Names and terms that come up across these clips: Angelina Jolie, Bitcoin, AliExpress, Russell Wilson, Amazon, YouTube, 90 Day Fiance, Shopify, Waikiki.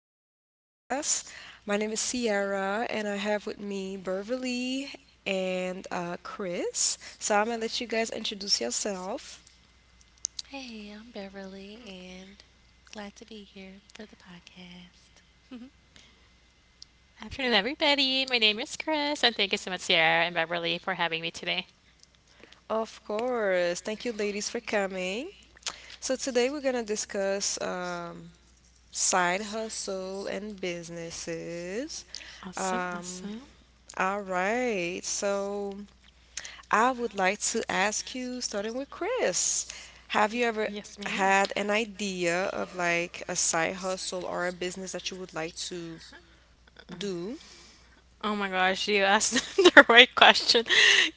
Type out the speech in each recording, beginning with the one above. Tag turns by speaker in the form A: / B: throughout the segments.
A: to my podcast. My name is Sierra, and I have with me Beverly and Chris. So I'm gonna let you guys introduce yourself.
B: Hey, I'm Beverly and glad to be here for the podcast.
C: Afternoon, everybody. My name is Chris, and thank you so much, Sierra and Beverly, for having me today.
A: Of course. Thank you, ladies, for coming. So today we're gonna discuss side hustle and businesses.
C: Awesome,
A: Um,
C: awesome.
A: all right. So I would like to ask you, starting with Chris, have you ever
C: Yes, ma'am.
A: had an idea of like a side hustle or a business that you would like to do?
C: Oh my gosh, you asked the right question.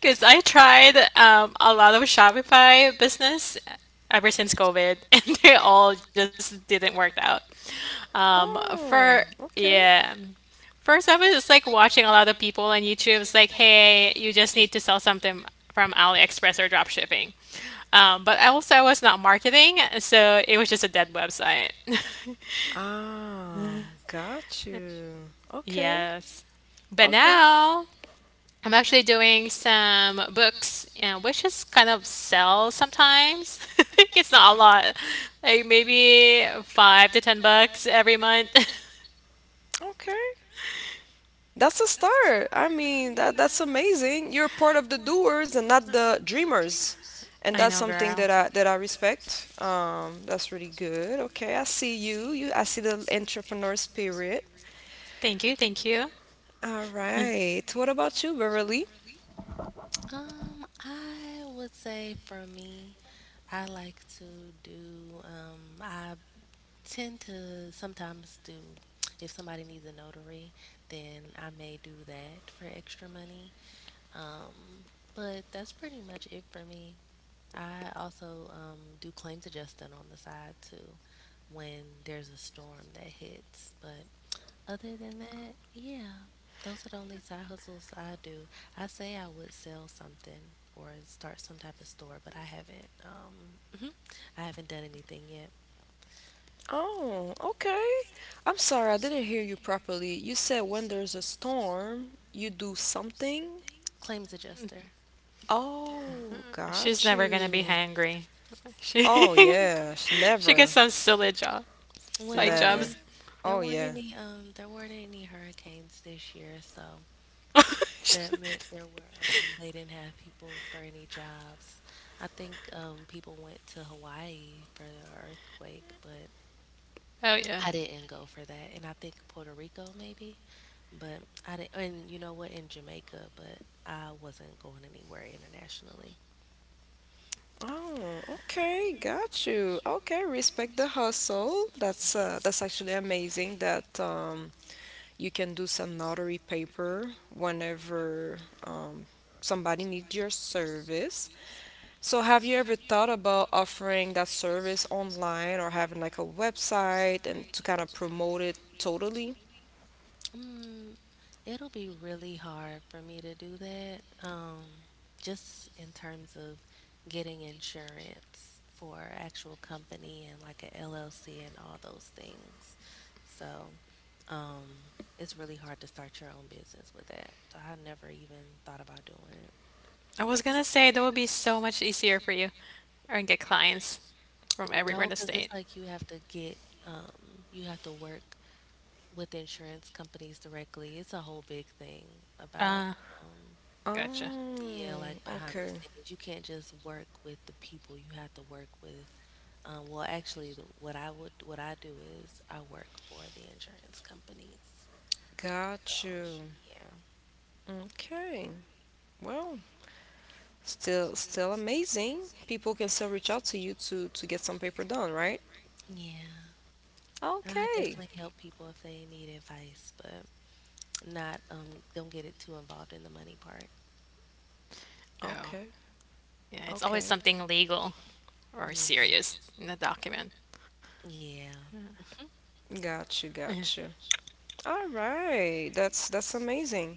C: Because I tried a lot of Shopify business ever since COVID, and they all just didn't work out. For
A: Oh, okay.
C: Yeah, first I was just like watching a lot of people on YouTube. It's like, hey, you just need to sell something from AliExpress or dropshipping. But also, I was not marketing, so it was just a dead website.
A: Ah, got you. Okay.
C: Yes. But
A: Okay.
C: now, I'm actually doing some books, and which is kind of sell sometimes. It's not a lot, like maybe $5 to $10 every month.
A: Okay. That's a start. I mean, that's amazing. You're part of the doers and not the dreamers. And
C: I
A: that's
C: know.
A: something that I respect. That's really good. Okay, I see you. You I see the entrepreneur spirit.
C: Thank you, thank you.
A: All right. What about you, Beverly?
B: I would say for me, I like to do. I tend to sometimes do, if somebody needs a notary, then I may do that for extra money. Um, but that's pretty much it for me. I also do claims adjusting on the side too when there's a storm that hits. But other than that, yeah, those are the only side hustles I do. I say I would sell something or start some type of store, but I haven't. I haven't done anything yet.
A: Oh, okay. I'm sorry, I didn't hear you properly. You said when there's a storm, you do something?
B: Claims adjuster.
A: Oh,
C: She's
A: got
C: never gonna be
A: you.
C: hangry. She
A: Oh, yeah,
C: she gets
A: never.
C: some silly job, side
B: Well,
A: Never.
C: jobs.
B: they there
A: Oh,
B: weren't
A: yeah.
B: any hurricanes this year, so that meant there were they didn't have people for any jobs. I think people went to Hawaii for the earthquake, but
C: Oh yeah.
B: I didn't go for that, and I think Puerto Rico maybe, but I didn't. And you know what? In Jamaica, but I wasn't going anywhere internationally.
A: Oh, okay, got you. Okay, respect the hustle.
B: Yeah.
A: That's actually amazing that you can do some notary paper whenever um, somebody needs your service. So, have you ever thought about offering that service online or having like a website and to kind of promote it totally?
B: Mm, It'll be really hard for me to do that. Just in terms of getting insurance for actual company and like a LLC and all those things. So, um, it's really hard to start your own business with that. So I never even thought about doing it.
C: I was gonna say that would be so much easier for you, or get clients from everywhere in
B: No,
C: the
B: because it's
C: state.
B: like um, you have to work with insurance companies directly. It's a whole big thing about,
C: Uh,
B: um,
C: gotcha.
B: yeah, like
A: Oh,
B: behind the
A: okay.
B: scenes. You can't just work with the people you have to work with. Well, actually, the, what I would, what I do is I work for the insurance companies.
A: Got
B: So,
A: you.
B: yeah,
A: Okay. Well, still, still amazing. People can still reach out to you to get some paper done, right?
B: yeah, I
A: Okay,
B: definitely help people if they need advice, but not, don't get it too involved in the money part.
C: Oh,
A: okay,
C: yeah. It's
A: okay.
C: always something legal or
B: Yeah,
C: serious in the document.
B: yeah,
A: Got you,
C: Yeah,
A: got you. All right, that's amazing.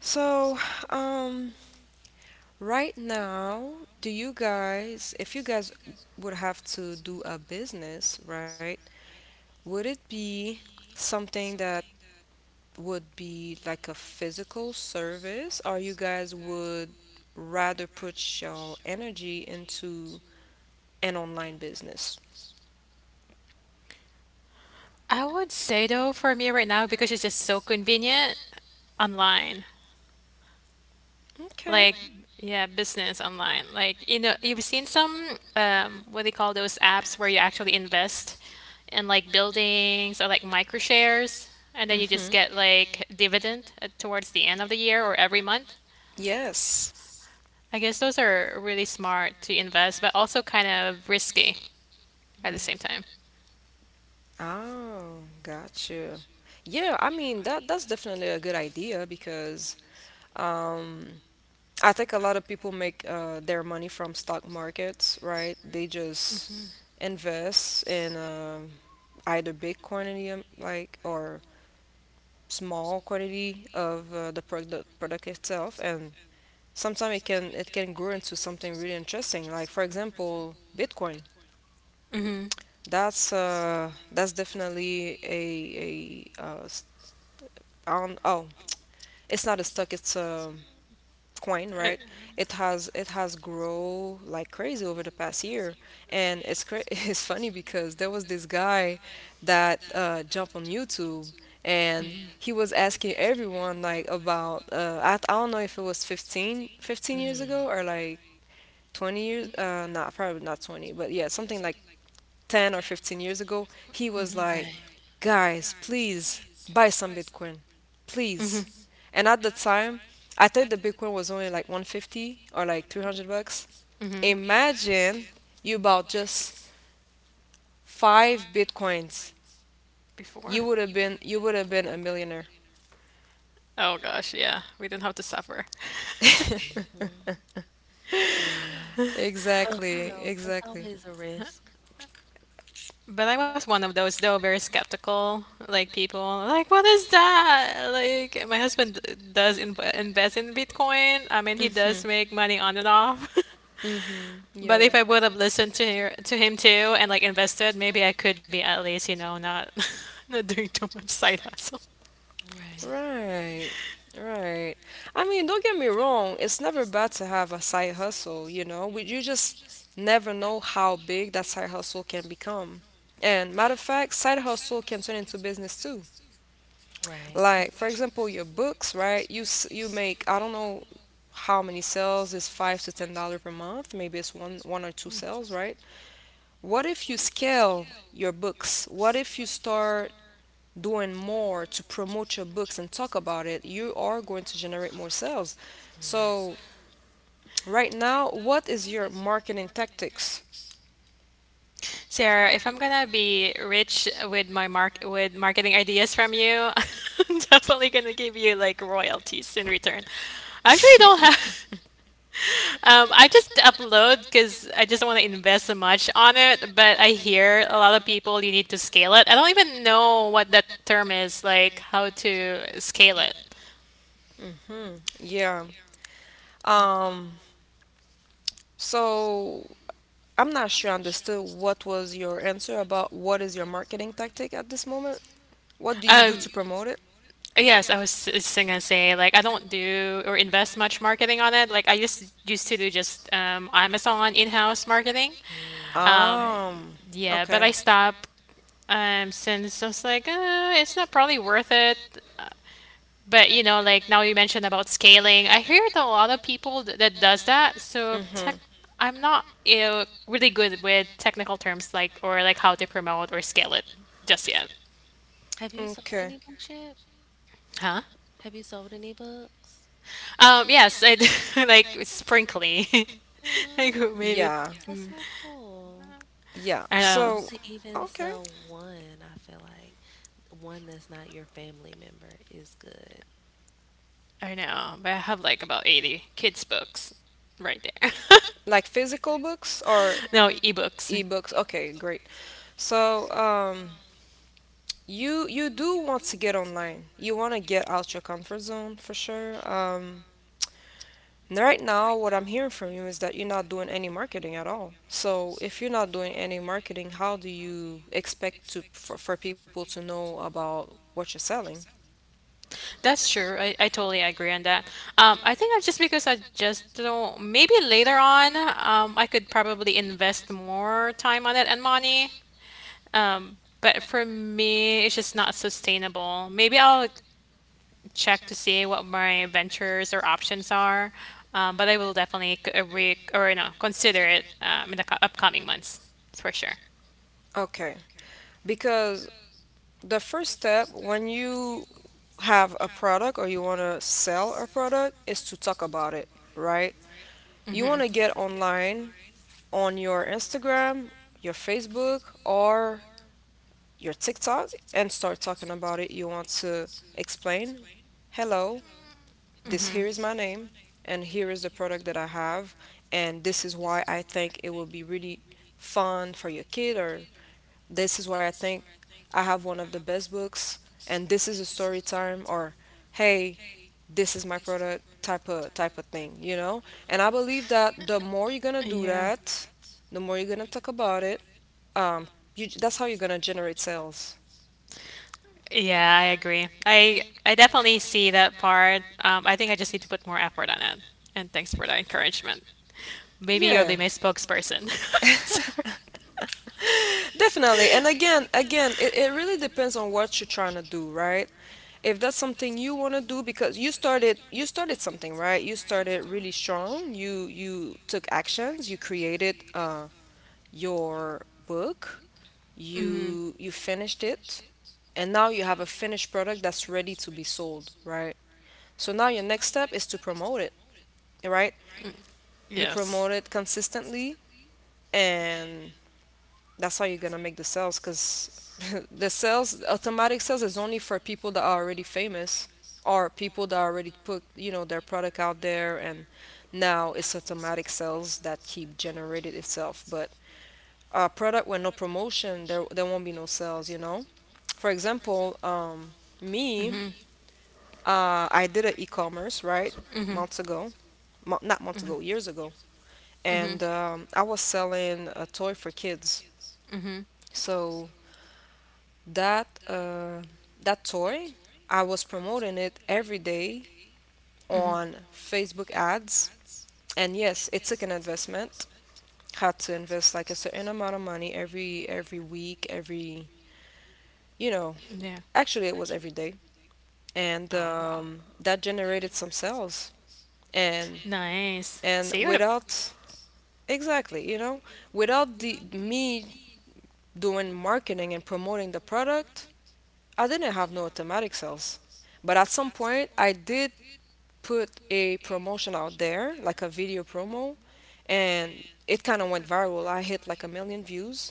A: So, um, right now, do you guys, if you guys would have to do a business, right? Would it be something that would be like a physical service, or you guys would rather put your energy into an online business?
C: I would say though, for me right now, because it's just so convenient online.
A: Okay. Like,
C: Like,
A: does
C: yeah, business online, like, you know, you've seen some what do they call those apps where you actually invest in like buildings or like micro shares, and
A: it
C: then you just
A: Mm-hmm. Just
C: get
A: get
C: like
A: like
C: dividend
A: at
C: towards the
A: the
C: end of the
A: end of the
C: year or
A: year or
C: every
A: every?
C: month.
A: Yes.
C: I guess those are really smart to invest, but also kind of risky at the
B: right.
C: same time.
A: Oh, gotcha. Yeah, I mean that's definitely a good idea because um I think a lot of people make their money from stock markets, right? They just invest in either big quantity like or small quantity of the product itself, and sometimes it can grow into something really interesting, like for example Bitcoin.
C: Mm-hmm.
A: That's definitely a s- I don't, oh it's not a stock, it's a coin,
C: Uh,
A: right? It has grown like crazy over the past year, and it's funny because there was this guy that jumped on YouTube and he was asking everyone like about I don't know if it was 15 years
B: Mm.
A: ago or like 20 years not probably not 20, but yeah, something like 10 or 15 years ago. He was
C: mhm.
A: like,
B: Right.
A: guys, please buy some Bitcoin, please.
C: Mhm.
A: Mm-hmm. And at the time, I think the Bitcoin was only like 150 or like 300 bucks.
C: Mhm.
A: Imagine you bought just five Bitcoins.
C: Before.
A: You would have been a millionaire.
C: Oh gosh, yeah. We didn't have to suffer.
B: Mhm. Yeah. But who
A: Exactly,
B: knows? That's
A: exactly.
B: always a risk.
C: But I was one of those though, very skeptical, like people, like what is that? Like my husband invest in Bitcoin. I mean, he does
A: Mhm.
C: make money on and off.
A: Mhm.
C: But
A: Yeah.
C: if I would have listened to her, to him too, and like invested, maybe I could be at least, you know, not not doing too much side hustle.
B: Right.
A: Right, right. I mean, don't get me wrong, it's never bad to have a side hustle, you know? We, you just never know how big that side hustle can become. And matter of fact, side hustle can turn into business too.
B: Right.
A: Like, for example, your books, right? You make, I don't know how many sales is $5 to $10 per month. Maybe it's one or two sales, right? What if you scale your books? What if you start doing more to promote your books and talk about it? You are going to generate more sales.
B: Mm.
A: So, right now, what is your marketing tactics?
C: Sarah, if I'm gonna be rich with my mark with marketing ideas from you, I'm definitely gonna give you like royalties in return. I actually don't have. I just upload because I just want to invest so much on it, but I hear a lot of people you need to scale it. I don't even know what that term is, like how to scale it.
A: Hmm. Yeah. Um, so I'm not sure I understood what was your answer about what is your marketing tactic at this moment. What do you do
C: Um,
A: to promote it?
C: yes, I was just gonna say like I don't do or invest much marketing on it. Like I just used to do just Amazon in-house marketing.
B: Mm,
C: Um,
B: right.
A: Um,
C: yeah, but
A: okay.
C: I stopped since I was like, it's not probably worth it. But you know, like now you mentioned about scaling, I hear that a lot of people that does that. So tech,
A: Mm-hmm.
C: I'm not, you know, really good with technical terms like or like how to promote or scale it just yet.
B: Have you sold any
A: Okay.
B: books yet?
C: Huh?
B: Have you sold any books?
C: Yes, I do, like sprinkly.
B: Mm,
C: Like maybe
A: Yeah.
B: that's
C: mm,
B: so cool.
A: Yeah.
C: I know.
B: Just
A: So,
B: to even
A: okay.
B: sell one, I feel like one that's not your family member is good.
C: I know, but I have like about 80 kids books right there.
A: Like physical books or
C: No, ebooks.
A: ebooks? Okay, great. So, you you do want to get online. You want to get out your comfort zone for sure. Right now, what I'm hearing from you is that you're not doing any marketing at all. So, if you're not doing any marketing, how do you expect to for people to know about what you're selling?
C: That's true. I totally agree on that. I think I just because I just don't. Maybe later on, I could probably invest more time on it and money. But for me, it's just not sustainable. Maybe I'll check to see what my ventures or options are. But I will definitely c- re- or you know, consider it in the upcoming months for sure.
A: Okay, because the first step when you have a product or you want to sell a product is to talk about it, right? You want to
C: Mm-hmm.
A: get online on your Instagram, your Facebook, or your TikTok and start talking about it. You want to explain, hello, this
C: Mm-hmm.
A: here is my name, and here is the product that I have, and this is why I think it will be really fun for your kid, or this is why I think I have one of the best books, and this is a story time, or hey, this is my product, type of thing, you know. And I believe that the more you're gonna do
C: Yeah.
A: that, the more you're gonna talk about it, um you, that's how you're gonna generate sales.
C: Yeah, I agree. I definitely see that part. I think I just need to put more effort on it. And thanks for the encouragement. Maybe you'll be
A: Yeah.
C: my spokesperson. Sorry.
A: Definitely. And again, again, it really depends on what you're trying to do, right? If that's something you want to do, because you started something, right? You started really strong. You took actions, you created your book,
C: Mm-hmm.
A: you finished it, and now you have a finished product that's ready to be sold, right? So now your next step is to promote it, right? You
C: Yes.
A: promote it consistently, and that's how you're gonna make the sales. Because the sales, automatic sales, is only for people that are already famous, or people that already put, you know, their product out there, and now it's automatic sales that keep generated itself. But a product with no promotion, there won't be no sales, you know. For example, me,
C: Mm-hmm.
A: I did an e-commerce, right?
C: Mm-hmm.
A: Months ago. Not months
C: Mm-hmm.
A: ago, years ago.
C: Mm-hmm.
A: And I was selling a toy for kids.
C: Mm-hmm.
A: So that that toy, I was promoting it every day
C: Mm-hmm.
A: on Facebook ads. And yes, it took an investment. Had to invest like a certain amount of money every week, every, you know.
C: Yeah.
A: Actually, it was every day, and
C: Oh wow.
A: that generated some sales. And
C: Nice. So you're the, yeah,
A: without, exactly, you know, without the me doing marketing and promoting the product, I didn't have no automatic sales. But at some point, I did put a promotion out there, like a video promo, and it kind of went viral. I hit like a million views.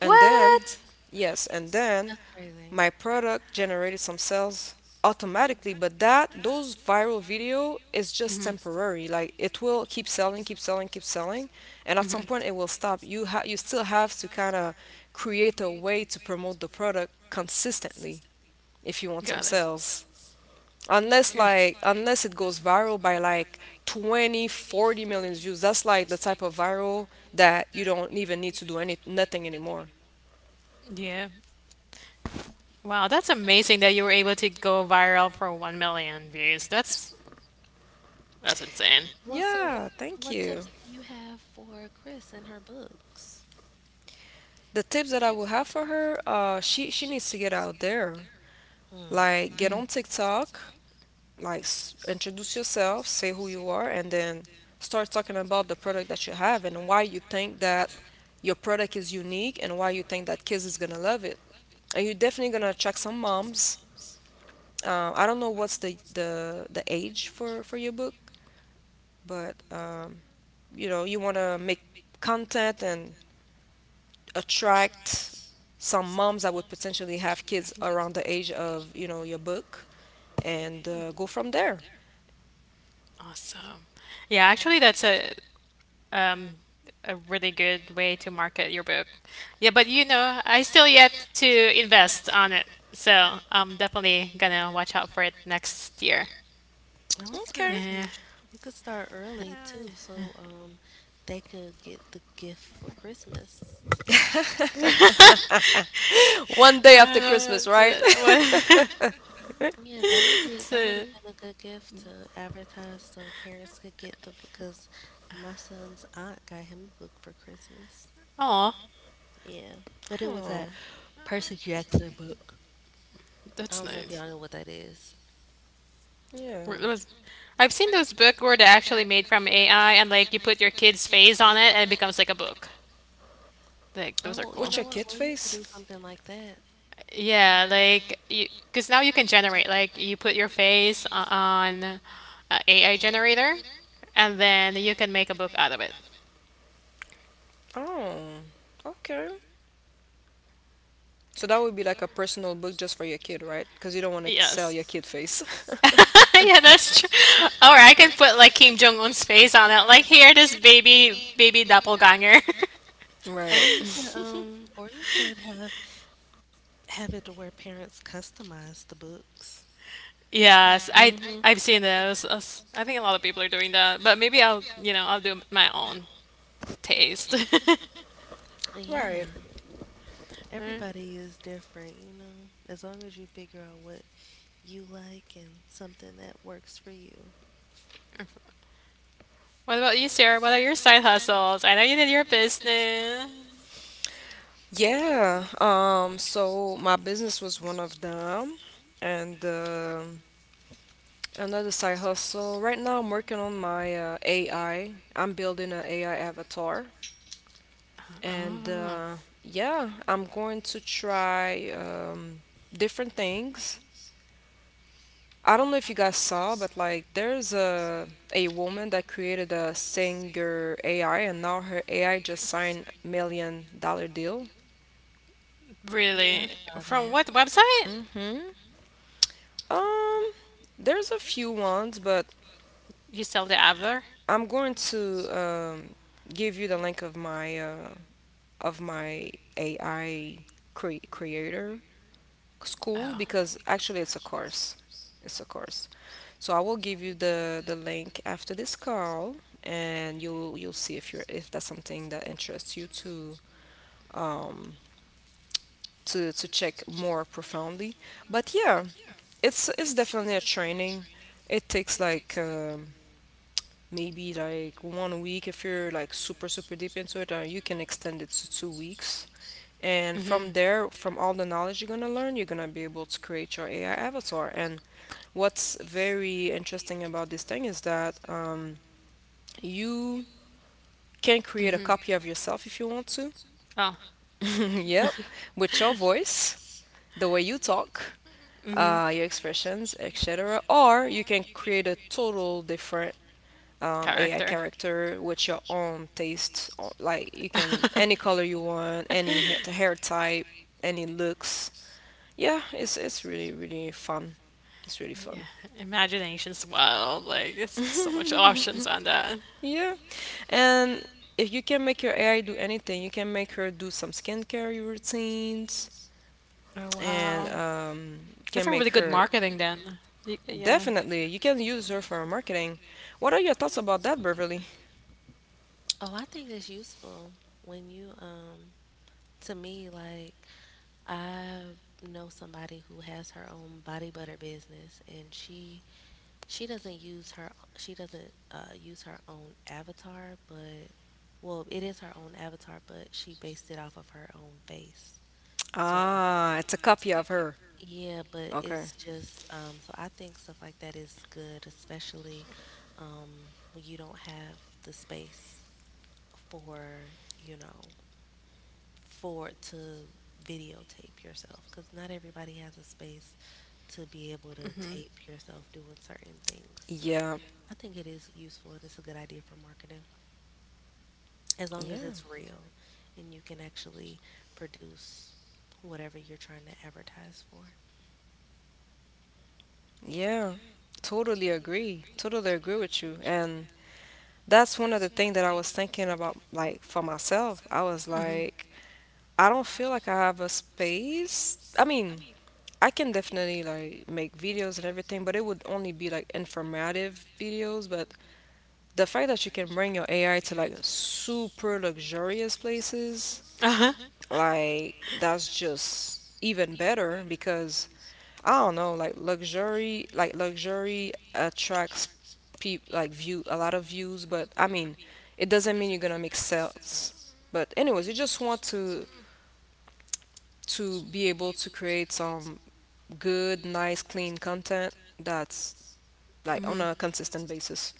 A: And then,
C: Yeah.
A: yes, and then
B: That's crazy.
A: my product generated some sales automatically. But that those viral
C: Huh.
A: video is just
C: Mm-hmm.
A: temporary. Like, it will keep selling, keep selling, keep selling, and at
C: Mm-hmm.
A: some point it will stop. You still have to kind of create a way to promote the product consistently if you want
C: Got
A: some
C: it.
A: sales. Unless,
C: Yeah.
A: unless it goes viral by like 20, 40 million views. That's like the type of viral that you don't even need to do any nothing anymore.
C: Yeah. Wow, that's amazing that you were able to go viral for 1 million views. That's insane.
B: Well, so
A: Yeah,
B: wh- so
A: thank
B: what
A: you.
B: tips do you have for Chris and her books?
A: The tips that I would have for her, she needs to get out there, like get on TikTok, like introduce yourself, say who you are, and then start talking about the product that you have and why you think that your product is unique and why you think that kids is gonna love it. And you're definitely gonna attract some moms. I don't know what's the the age for your book, but you know, you wanna make content and attract some moms that would potentially have kids around the age of, you know, your book, and go from there.
C: Awesome. Yeah, actually, that's um a really good way to market your book. Yeah, but you know, I still yet to invest on it, so I'm definitely gonna watch out for it next year.
B: I was
A: Okay.
B: gonna say
C: Yeah.
B: you could start early too, so they could get the gift for Christmas.
A: One
C: After
A: day after Christmas, right?
C: Break. What?
B: Yeah, that would be that
C: So,
B: would have been a good gift to advertise so parents could get the because my son's aunt got him a book for Christmas.
C: oh,
B: Yeah, but it was that
A: Oh,
B: Percy Jackson book.
C: that's
B: I don't know if
C: nice.
B: y'all know what that is.
A: yeah.
C: Wh- was- I've seen those book where they're actually made from AI, and like you put your kid's face on it, and it becomes like a book. Like those are
B: Oh, you
A: What's
C: cool.
B: know
A: your
B: what?
A: kid
B: Or you could
A: face?
B: do something like that.
C: Yeah, like you, because now you can generate, like you put your on a AI generator, and then you can make a book out of it.
A: Oh, okay. So that would be like a personal book just for your kid, right? Because you don't want to sell your
C: Yes.
A: kid face.
C: Yeah, that's true. Or I can put like Kim Jong Un's face on it. Like here, this baby
A: Yeah, that's
C: doppelganger.
A: true. All
B: Or
A: right, I
B: you could
A: guess here, this baby. Right.
B: um or you could have it to where parents customize the books.
C: Yes,
A: Hmm.
C: I've seen those. I think a lot of people are doing that, but maybe I'll, you know, I'll do my own taste.
A: Right.
B: Yeah,
C: Mm.
B: everybody is different. As long as you figure out what you like and something that works for you.
C: What about you, Sarah? What are your side hustles? I know you did your business.
A: Yeah. So my business was one of them, and another side hustle. Right now, I'm working on my AI. I'm building an AI avatar, and
C: Oh,
A: yeah, I'm going to try different things. I don't know if you guys saw, but like there's a woman that created a singer AI, and now her AI just signed $1 million deal.
B: Yeah,
C: really?
B: I saw
C: From
B: that.
C: what website?
A: Mm-hmm. Um, there's a few ones, but
C: You sell the Adler?
A: I'm going to give you the link of my of my AI creator
C: Oh.
A: school, because actually it's a course. It's a course. So I will give you the link after this call, and you'll see if you're if that's something that interests you to um to check more profoundly. But yeah, it's definitely a training. It takes like maybe like 1 week if you're like super super deep into it, or you can extend it to 2 weeks. And
C: Mm-hmm.
A: from there, from all the knowledge you're going to learn, you're going to be able to create your AI avatar. And what's very interesting about this thing is that you can create a
C: Mm-hmm.
A: copy of yourself if you want to.
C: Oh.
A: Yep, with your voice, the way you talk,
C: Mm-hmm.
A: your expressions, etc. Or you can create a total different AI
C: Character.
A: character with your own taste. Like you can any
C: Any
A: color you want, hair type, any looks. Yeah, it's really really fun. It's really
C: yeah,
A: fun.
C: imagination's wild. Like, it's so much options on that.
A: Yeah. And if you can make your AI do anything, you can make her do some skincare routines
C: Oh wow,
A: and
C: that's a
A: can
C: really
A: make
C: good
A: her,
C: marketing then. Y- yeah.
A: definitely you can use her for marketing. What are your thoughts about that, Beverly?
B: Oh, I think that's useful when you to me, like, I know somebody who has her own body butter business and she doesn't use her, she doesn't use her own avatar, but well, it is her own avatar, but she based it off of her own face. So,
A: Ah, it's a copy of her.
B: yeah, but
A: Okay.
B: it's just, so I think stuff like that is good, especially um, when you don't have the space for, you know, for to videotape yourself because not everybody has a space to be able to
C: Hmm.
B: tape yourself doing certain things. So
A: Yeah,
B: I think it is useful and it's a good idea for marketing as long as
A: Yeah,
B: it's real and you can actually produce whatever you're trying to advertise for.
A: yeah, totally agree. Totally agree with you. And that's one of the things that I was thinking about, like for myself. I was
C: Hmm.
A: like, I don't feel like I have a space. I mean, I can definitely like make videos and everything, but it would only be like informative videos. But the fact that you can bring your AI to like super luxurious places,
C: Uh huh.
A: like that's just even better because I don't know, like luxury attracts people, like view a lot of views. But I mean, it doesn't mean you're gonna make sales. But anyways, you just want to be able to create some good, nice, clean content that's like on
C: Hmm.
A: a consistent basis.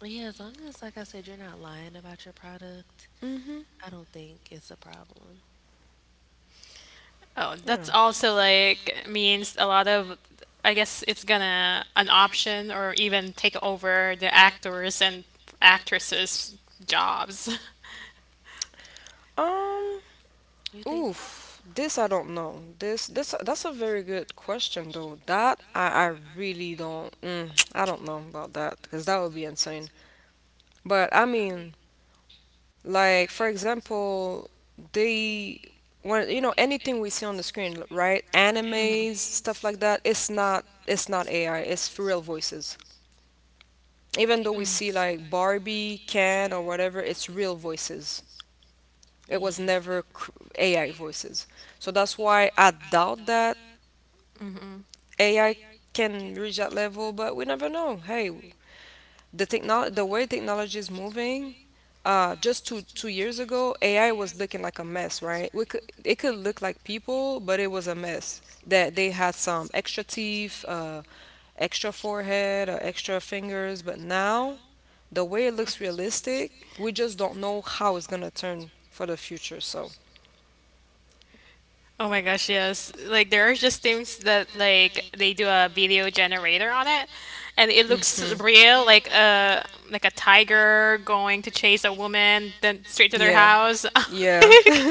B: Yeah, as long as, like I said, you're not lying about your product,
A: Mhm.
B: I don't think it's a problem.
C: Oh,
A: Yeah.
C: that's also like means a lot of, I guess it's gonna an option or even take over the actors and actresses jobs.
A: Um,
B: You think so?
A: oof, this I don't know. This that's a very good question though. That I really don't I don't know about that because that would be insane. But I mean, like for example, they when you know anything we see on the screen, right? Animes, stuff like that, it's not AI, it's real voices. Even though we see like Barbie, Ken or whatever, it's real voices. It was
B: Yeah.
A: never cr- AI voices. So that's why I doubt that AI can reach that level, but we never know. Hey, the way technology is moving, just two years ago, AI was looking like a mess, right? We could It could look like people, but it was a mess. That they had some extra teeth, extra forehead, or extra fingers, but now the way it looks realistic, we just don't know how it's gonna turn for the future. So,
C: Oh my gosh, yes. Like there are just things that like they do a video generator on it, and it looks
A: hmm.
C: real, like a tiger going to chase a woman then straight to their
A: Yeah,
C: house.
A: yeah.
C: Like,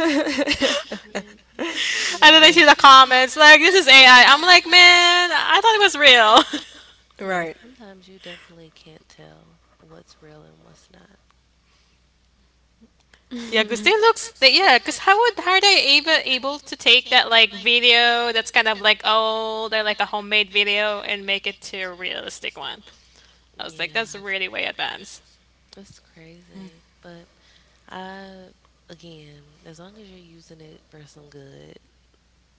B: Yeah.
C: and then I
B: No,
C: see the comments like this is AI. I'm like, "Man, I thought it was real."
B: no,
A: Right.
B: sometimes you definitely can't tell what's real and what's not.
C: Yeah, because
A: Yeah.
C: they looks they, yeah, because how would how are they even able to take that like video that's kind of like old or like a homemade video and make it to a realistic one? I was like, that's
B: Yeah,
C: really way advanced.
B: it's crazy. But, I, again, as long as you're using it for some good,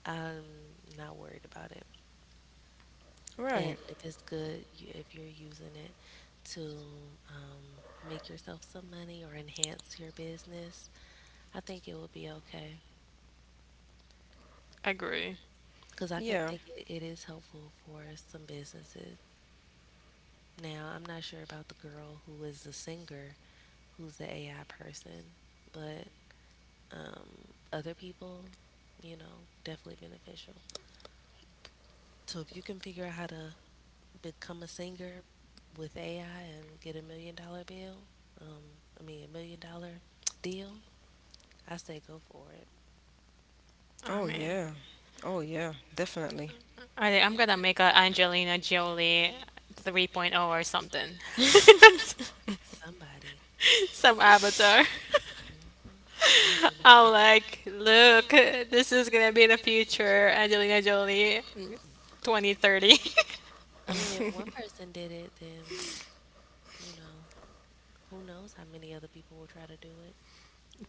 B: I'm not worried about it. And
A: Right.
B: if it's good, if you're using it to make yourself some money or enhance your business, I think it will be okay
C: Agree.
B: because I could
A: Yeah.
B: think it is helpful for some businesses. Now, I'm not sure about the girl who is the singer, who's the AI person, but um, other people, definitely beneficial. So if you can figure out how to become a singer with AI and get $1 million bill, um, I mean, $1 million deal, I say go for it.
C: Oh
A: Oh,
C: man.
A: yeah. Oh, yeah. Definitely.
C: I think I'm gonna make a Angelina Jolie 3.0 or something.
B: Somebody.
C: Some avatar.
B: Hmm.
C: I'm like, look, this is gonna be the future Angelina Jolie 2030.
B: I mean, if one person did it, then You know, who knows how many other people will try to do it.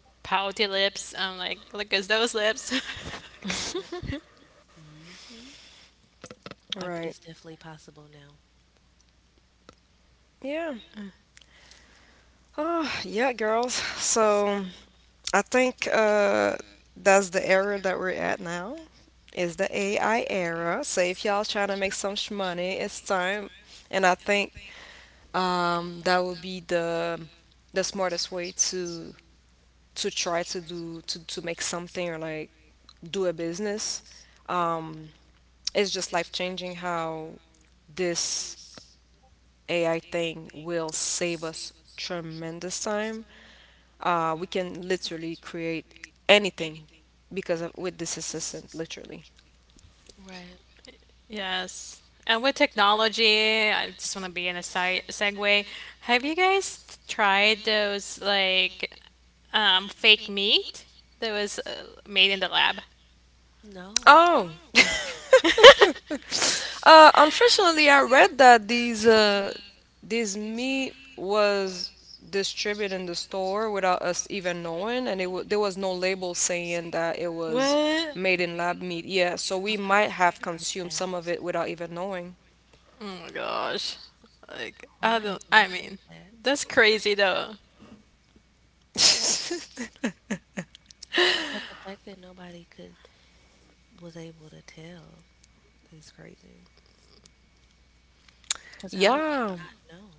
C: Pouty lips. I'm like, look at those lips.
B: Wow. Mhm.
A: Right.
B: It's definitely possible now.
A: Yeah. Oh, yeah, girls. So I think that's the era that we're at now. Is the AI era. So if y'all trying to make some sh money, it's time. And I think that would be the smartest way to try to do to make something or like do a business. um, it's just life changing how this AI thing will save us tremendous time. We can literally create anything because of with this assistant, literally.
B: Right.
C: Yes. And with technology, I just want to be in a side segue. Have you guys tried those like fake meat that was made in the lab.
B: No.
A: Oh. Unfortunately, I read that these this meat was distributed in the store without us even knowing, and there was no label saying that it
C: It was.
A: was
C: What?
A: made in lab meat. Yeah, so
B: Oh,
A: we
B: I didn't
A: might have
B: hear about
A: consumed
B: that.
A: some of it without even knowing.
C: Oh my gosh. Like,
B: Oh, I
C: I
B: might
C: don't,
B: have to
C: I
B: look into
C: mean,
B: that.
C: that's crazy though.
B: But the fact that nobody could was able to tell is crazy. Cause how would
A: Yeah.
B: we not know?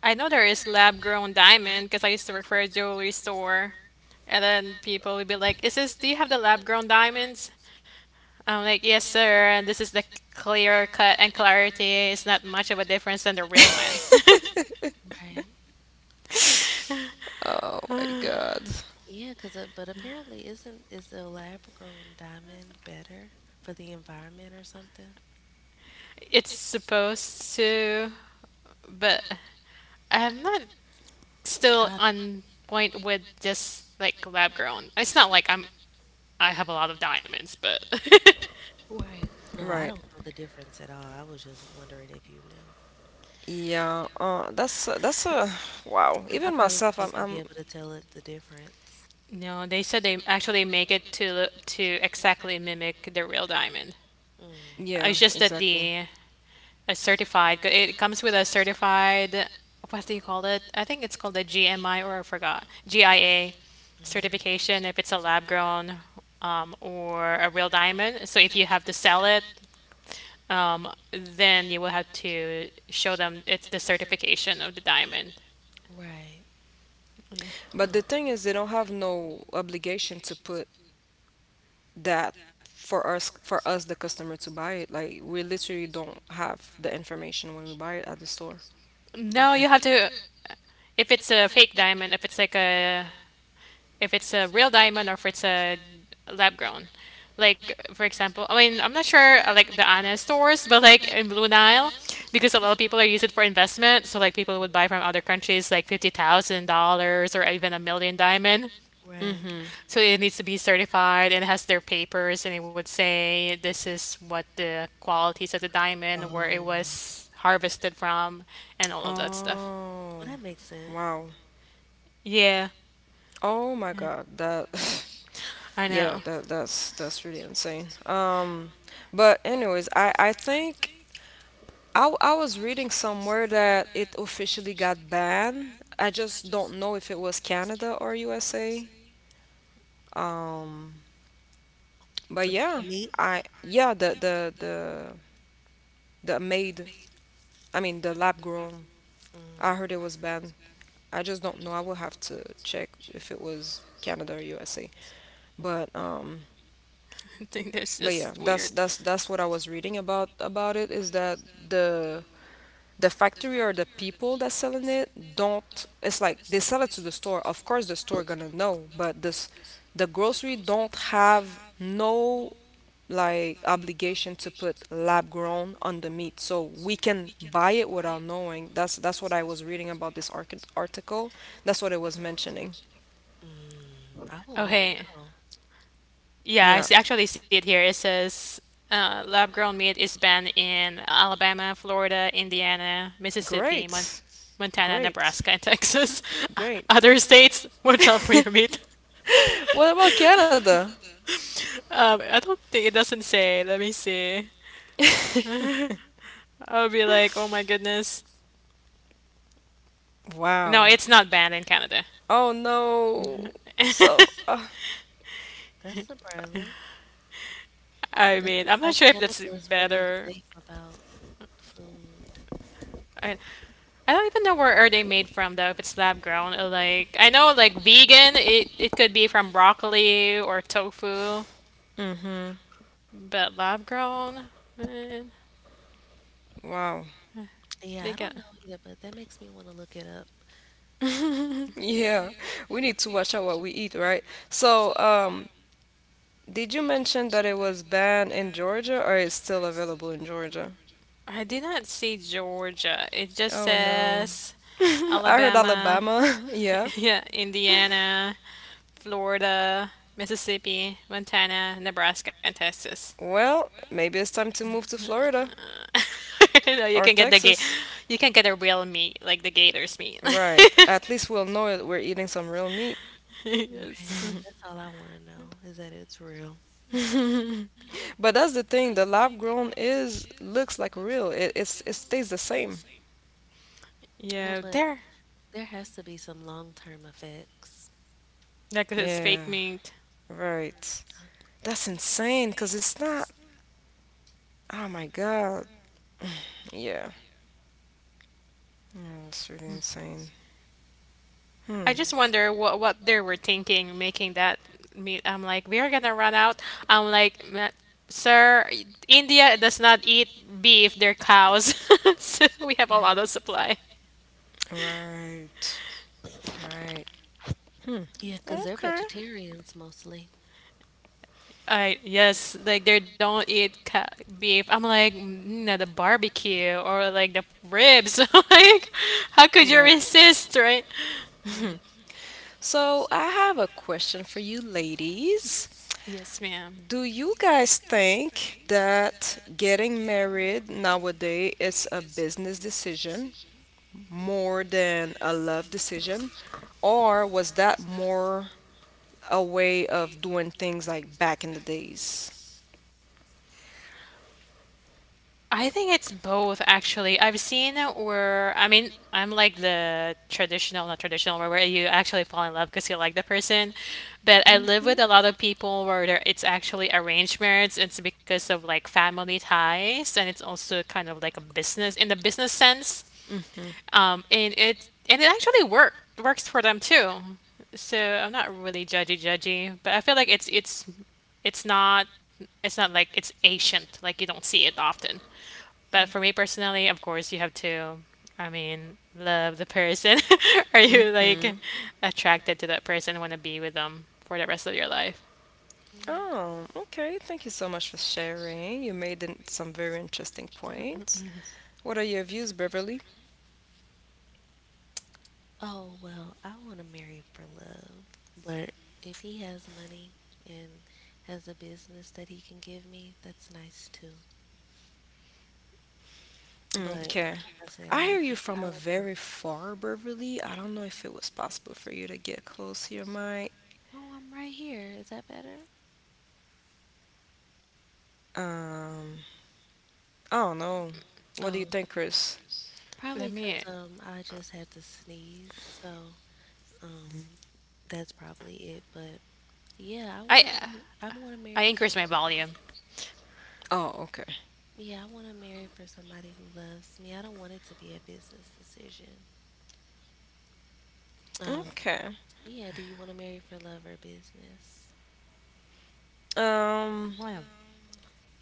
C: I know there is lab grown diamond because I used to work for a jewelry store. And then people would be like, is this, do you have the lab grown diamonds? I'm like, yes, sir. And this is the clear cut and clarity. It's not much of a difference than the real one.
B: Right.
A: Oh my God.
B: Yeah, 'cause but apparently isn't is a lab grown diamond better for the environment or something?
C: It's supposed to, but I'm not
B: I
C: still
B: don't.
C: on point with just like lab grown. It's not like I'm I have a lot of diamonds, but
B: Right. No, I
A: Right.
B: don't know the difference at all. I was just wondering if you knew.
A: Yeah, that's a wow.
B: Because I
A: Even
B: probably
A: myself,
B: wouldn't even be
A: I'm
B: able to tell it the difference.
C: no, they said they actually make it to exactly mimic the real diamond.
B: Mm,
A: yeah,
C: It's just that
A: exactly.
C: the a certified. It comes with a certified. What do you call it? I think it's called a GMI, or I forgot, GIA
B: mm,
C: certification if it's a lab grown or a real diamond. So if you have to sell it, then you will have to show them it's the certification of the diamond.
B: right.
C: Yeah.
A: But the
B: Mm,
A: thing is, they don't have no obligation to put that for us, for us the customer to buy it. Like we literally don't have the information when we buy it at the store.
C: No, you
B: right.
C: have to. If it's a fake diamond, if it's like a if it's a real diamond or if it's a lab grown. Like for example, I mean I'm not sure like the Anna stores, but like in Blue Nile, because a lot of people are using it for investment. So like people would buy from other countries like $50,000 or even a million diamond.
B: Right.
A: Mm-hmm.
C: So it needs to be certified, and it has their papers, and it would say this is what the qualities of the diamond, where it
B: Oh,
C: was harvested from, and all of that stuff.
B: well,
A: Oh,
B: that makes sense.
A: wow.
C: Yeah,
A: Oh my God, that
C: I
A: yeah,
C: know.
A: that that's really insane. But anyways, I think I was reading somewhere that it officially got banned. I just don't know if it was Canada or USA. Um, but
B: About the
A: yeah,
B: meat?
A: I yeah the made I mean the lab grown.
B: Mm,
A: I heard it was banned. I just don't know. I will have to check if it was Canada or USA. But
C: I think that's
A: yeah,
C: just
A: that's
C: weird.
A: that's what I was reading about it is that the factory or the people that's selling it don't, it's like they sell it to the store, of course the store gonna know, but this the grocery don't have no like obligation to put lab grown on the meat so we can buy it without knowing. That's what I was reading about this article. That's what it was mentioning.
B: mm, I would want
C: Okay.
B: to know.
C: Yeah,
A: Yeah.
C: I see, actually see it here. It says lab grown meat is banned in Alabama, Florida, Indiana, Mississippi,
A: Great,
C: Montana,
A: great,
C: Nebraska, and Texas.
A: great.
C: Other states, watch out for your meat.
A: What about Canada?
C: I don't think it doesn't say. Let me see. I'll be like, oh my goodness. No,
A: Wow.
C: it's not banned in Canada.
A: Oh no. So,
B: That's surprising.
C: I
B: It
C: mean,
B: seems
C: I'm not
B: like
C: sure if that's
B: Canada is really
C: better.
B: safe about food.
C: I, I don't even know where are they made from though, if it's lab grown. Or like I know like vegan, it could be from broccoli or tofu,
A: mhm.
C: but lab grown, man,
A: Wow.
B: Yeah,
C: they
B: I
C: got.
B: don't know either, but that makes me want to look it up.
A: Yeah. We need to watch out what we eat, right? So, did you mention that it was banned in Georgia or it's still available in Georgia?
C: I did not see Georgia. It just
A: Oh no.
C: says
A: I heard
C: Alabama,
A: Alabama. Yeah.
C: yeah, Indiana, Florida, Mississippi, Montana, Nebraska, and Texas.
A: Well, maybe it's time to move to Florida
C: Uh, no, you
A: or
C: can get the gate.
A: Texas.
C: You can get a real meat, like the gator's meat.
A: Right. At least we'll know it. We're eating some real meat.
B: Right.
C: Yes.
B: That's all I want to know is that it's real.
A: But that's the thing, the lab grown is looks like real. It stays the same.
B: Well,
C: Yeah,
B: but
C: there.
B: there has to be some long-term effects.
C: Like it's
A: Yeah.
C: fake meat.
A: Right.
B: Huh?
A: That's insane because it's not. Oh my God. Yeah. Yeah, that's really insane. Hmm.
C: I
B: Mm,
C: just wonder what they were thinking making that meat. I'm like, we are gonna run out. I'm like, "Ma- sir, India does not eat beef. They're cows, so we have a
B: right.
C: lot of supply."
A: Right. Right. Hmm.
B: Yeah, 'cause they're
A: Okay.
B: vegetarians mostly.
C: I yes, like they don't eat ca- beef. I'm like, no, the barbecue or like the ribs. Like, how could you
A: Right.
C: resist, right?
B: Right,
A: So I have a question for you ladies.
C: Yes, ma'am.
A: Do you guys think that getting married nowadays is a business decision more than a love decision? Or was that more a way of doing things like back in the days.
C: I think it's both actually. I've seen it where I'm like the traditional, not traditional, where, you actually fall in love because you like the person. But I live
A: Hmm,
C: with a lot of people where there, it's actually arranged marriage. It's because of like family ties, and it's also kind of like a business in the business sense.
A: hmm,
C: And it actually work works for them too. So I'm not really judgy, but I feel like it's it's not it's not like it's ancient. Like you don't see it often. But
B: right,
C: for me personally, of course, you have to, I mean, love the person. Are you
A: hmm.
C: like attracted to that person, and want to be with them for the rest of your life?
B: right.
A: Oh, okay. Thank you so much for sharing. You made some very interesting points. What are your views, Beverly?
B: Oh, well, I want to marry for love. But if he has money and has a business that he can give me, that's nice too. But
A: Okay.
B: like I said,
A: I
B: I
A: hear you from
B: I
A: a
B: would.
A: very far, Beverly. I don't know if it was possible for you to get close to your mic.
B: Oh, I'm right here. Is that better?
A: Um, I don't know. What do you
B: Oh,
A: think, Chris?
B: probably
C: Let
B: 'cause
C: me,
B: I just had to sneeze, so um that's probably it. But
C: I,
B: yeah, I want to
C: I
B: be.
C: increase
B: I
C: my
B: want to
C: volume.
B: marry.
A: Oh, okay.
B: Yeah, I want to marry for somebody who loves me. I don't want it to be a business decision. Um,
A: Okay.
B: yeah, do you want to marry for love or business?
C: I
A: Um,
C: want to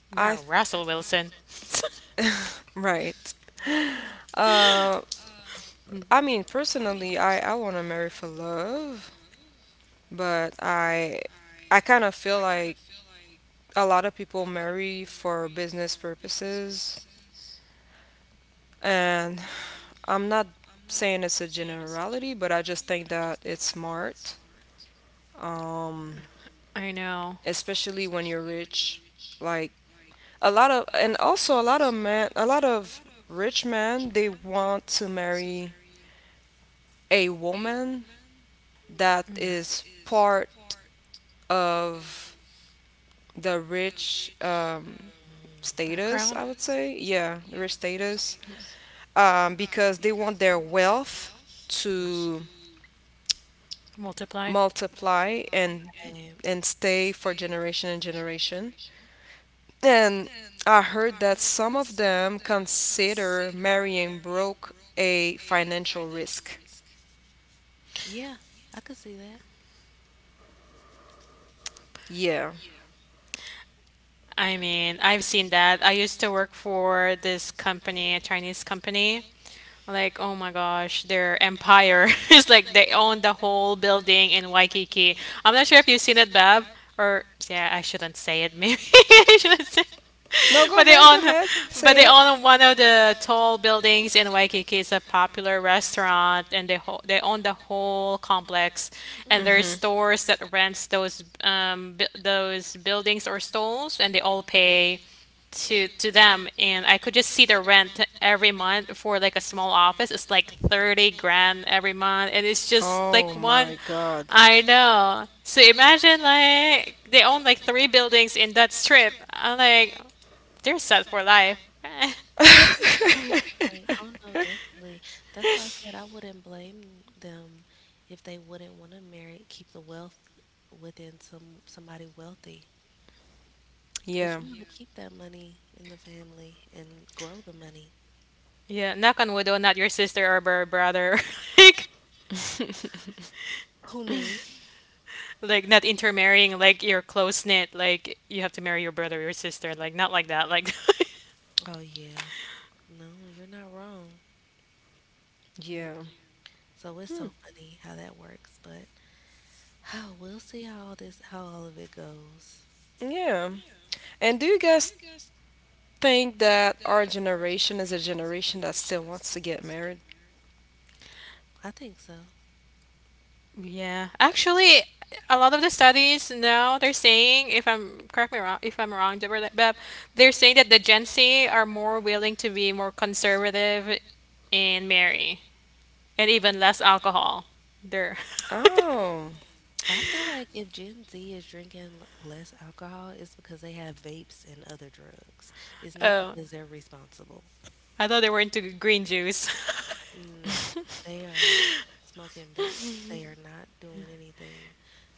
C: marry
A: I,
C: Russell Wilson.
A: right. Um, I mean, personally, I want to marry for love, but I kind of feel like a lot of people marry for business purposes, and I'm not saying it's a generality, but I just think that it's smart, um,
C: I know.
A: especially when you're rich. Like a lot of, and also a lot of men, a lot of rich men, they want to marry a woman that is part of the rich
B: Mm,
A: status,
C: Background.
A: I would say. Yeah, the rich status. Because they want their wealth to
C: Multiply.
A: multiply
B: right.
A: and stay for generation and generation. And I heard that some of them consider marrying broke a financial risk.
B: Yeah, I could see that.
A: Yeah.
C: I mean, I've seen that. I used to work for this company, a Chinese company. Like, oh my gosh, their empire is like they own the whole building in Waikiki. I'm not sure if you've seen it, Bab, or yeah, I shouldn't say it. Maybe I shouldn't say.
A: No, go
C: But they
A: ahead, go
C: own,
A: ahead.
C: but they
A: Say it.
C: own one of the tall buildings in Waikiki. It's a popular restaurant, and they own the whole complex.
B: Mm,
C: And there's
A: Mhm.
C: stores that rents those bu those buildings or stalls, and they all pay to them, and I could just see the rent every month for like a small office. It's like 30 grand every month, and it's just like
A: Oh
C: one.
A: my god.
C: I know. So imagine like they own like three buildings in that strip. I'm like, they're set for life.
B: right. Oh no, definitely. That's why I said I wouldn't blame them if they wouldn't want to marry, keep the wealth within somebody wealthy. Because
A: Yeah.
B: you want to keep that money in the family and grow the money.
C: Yeah, knock on wood though, not your sister or bro- brother. like
B: Who me?
C: like not intermarrying, like you're close knit, like you have to marry your brother or your sister, like not like that, like.
B: Oh yeah. No, you're not wrong.
A: Yeah.
B: So it's
A: Hmm.
B: so funny how that works, but we'll see how all of it goes.
A: Yeah. And do you guys think that our generation is a generation that still wants to get married?
B: I think so.
C: Yeah. Actually, a lot of the studies now they're saying, if I'm correct me wrong, if I'm wrong, Deborah, Beb, they're saying that the Gen Z are more willing to be more conservative in marry, and even less alcohol. They're
A: Oh.
B: I feel like if Gen Z is drinking less alcohol, it's because they have vapes and other drugs. It's not
C: oh,
B: because they're responsible.
C: I thought they were into green juice.
B: No, they are smoking vapes. They are not doing anything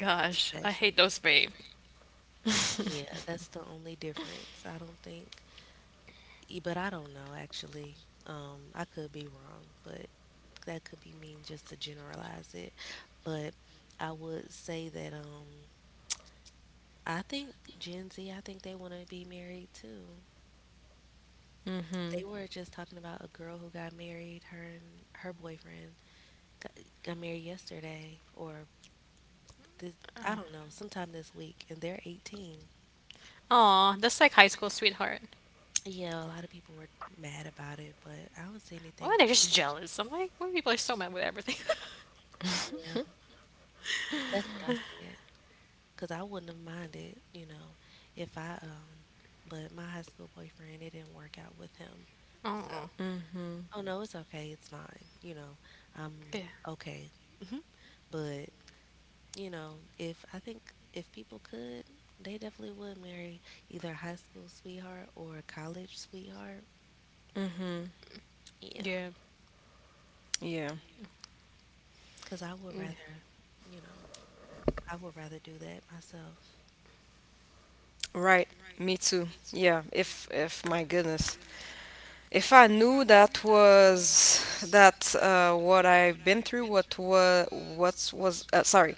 C: Gosh, I
B: special.
C: hate those babe.
B: Yeah,
A: Mm-hmm,
B: that's the only difference. I don't think. But I don't know actually. I could be wrong, but that could be mean just to generalize it. But I would say that I think Gen Z, I think they want to be married too. They were just talking about a girl who got married. Her and her boyfriend got, got married yesterday, or this, I don't know, sometime this week, and they're 18.
C: Aw, that's like high school sweetheart.
B: Yeah, a lot of people were mad about it, but I don't say
C: Well,
B: anything.
C: they're just jealous. I'm like, why people are so mad with everything.
B: Yeah, that's what I said. Cause I wouldn't have minded, you know, if I but my high school boyfriend, it didn't work out with him. So,
C: Oh,
A: mm-hmm,
B: oh no, it's okay, it's fine. I'm
C: yeah,
B: okay. But you know, if I think if people could, they definitely would marry either a high school sweetheart or a college sweetheart.
A: mm-hmm.
B: Yeah,
C: yeah.
A: Yeah.
B: cause you know, I would rather do that myself.
A: Right. Me too. Yeah. If my goodness. If I knew that was that what I've been through, what was sorry,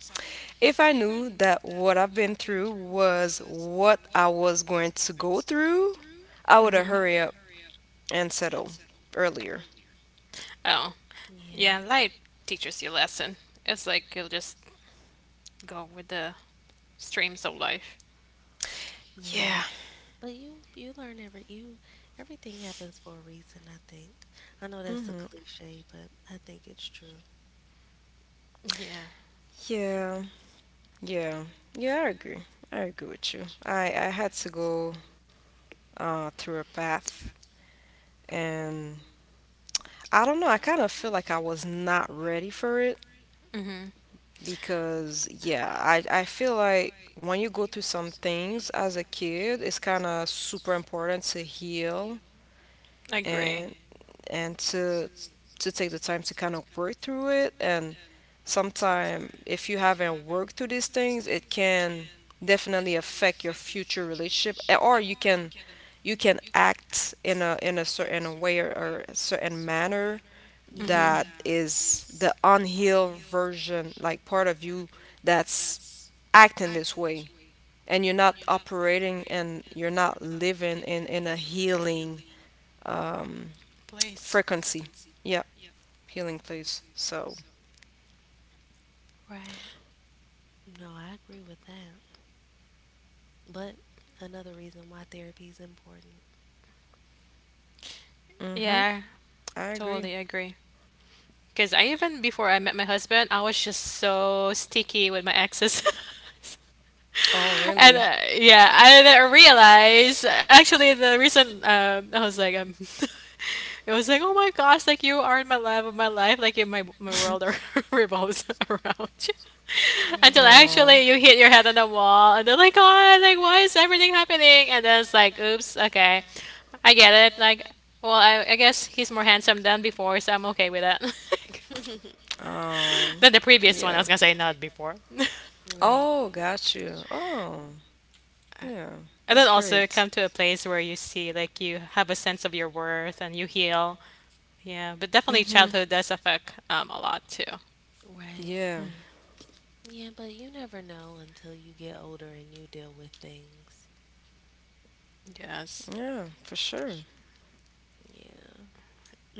A: If I knew that what I've been through was what I was going to go through, I would have
C: Hmm.
A: hurried up and settled earlier.
C: Oh,
B: Yeah,
C: yeah, life teaches you lesson. It's like you'll just go with the streams of life.
B: yeah.
A: Yeah.
B: But you learn everything happens for a reason, I think. I know that's a
A: Hmm.
B: cliche, but I think it's true.
C: Yeah.
A: Yeah. Yeah. Yeah, I agree. I agree with you. I had to go through a path, and I don't know. I kind of feel like I was not ready for it
C: Mm-hmm.
A: because, yeah, I feel like when you go through some things as a kid, it's kind of super important to heal
C: I agree.
A: and and to take the time to kind of work through it. And sometime if you haven't worked through these things it can definitely affect your future relationship, or you can act in a certain way or a certain manner
C: Yeah. Mm-hmm.
B: Yeah,
A: that is the unhealed version, like part of you that's acting this way and you're not operating and you're not living in a healing um
C: Please.
A: frequency, yeah, healing place. So,
B: right. No, I agree with that. But another reason why therapy is important.
A: mm hmm.
C: Yeah,
A: I agree.
C: totally agree. Because I even, before I met my husband, I was just so sticky with my exes.
A: Oh,
C: And
A: really?
C: yeah, I didn't realize actually the reason I was like it was like oh my gosh, like you are in my love of my life, like in my my world are revolves around you.
B: Right.
C: Until
A: Oh,
C: actually you hit your head on the wall, and they're like, God, like why is everything happening? And then it's like, oops, okay, I get it. Like, well, I guess he's more handsome than before, so I'm okay with that.
A: oh,
C: Than the previous one.
A: yeah.
C: I was gonna say not before.
B: Right.
A: Oh, got you. Oh, yeah,
C: And
A: that's
C: then also
A: great.
C: come to a place where you see, like, you have a sense of your worth and you heal. Yeah, but
A: Mm
C: definitely
A: hmm.
C: childhood does affect a lot too.
B: Right.
A: Yeah,
B: Yeah, but you never know until you get older and you deal with things.
C: Yes.
A: yeah, for sure.
B: Yeah.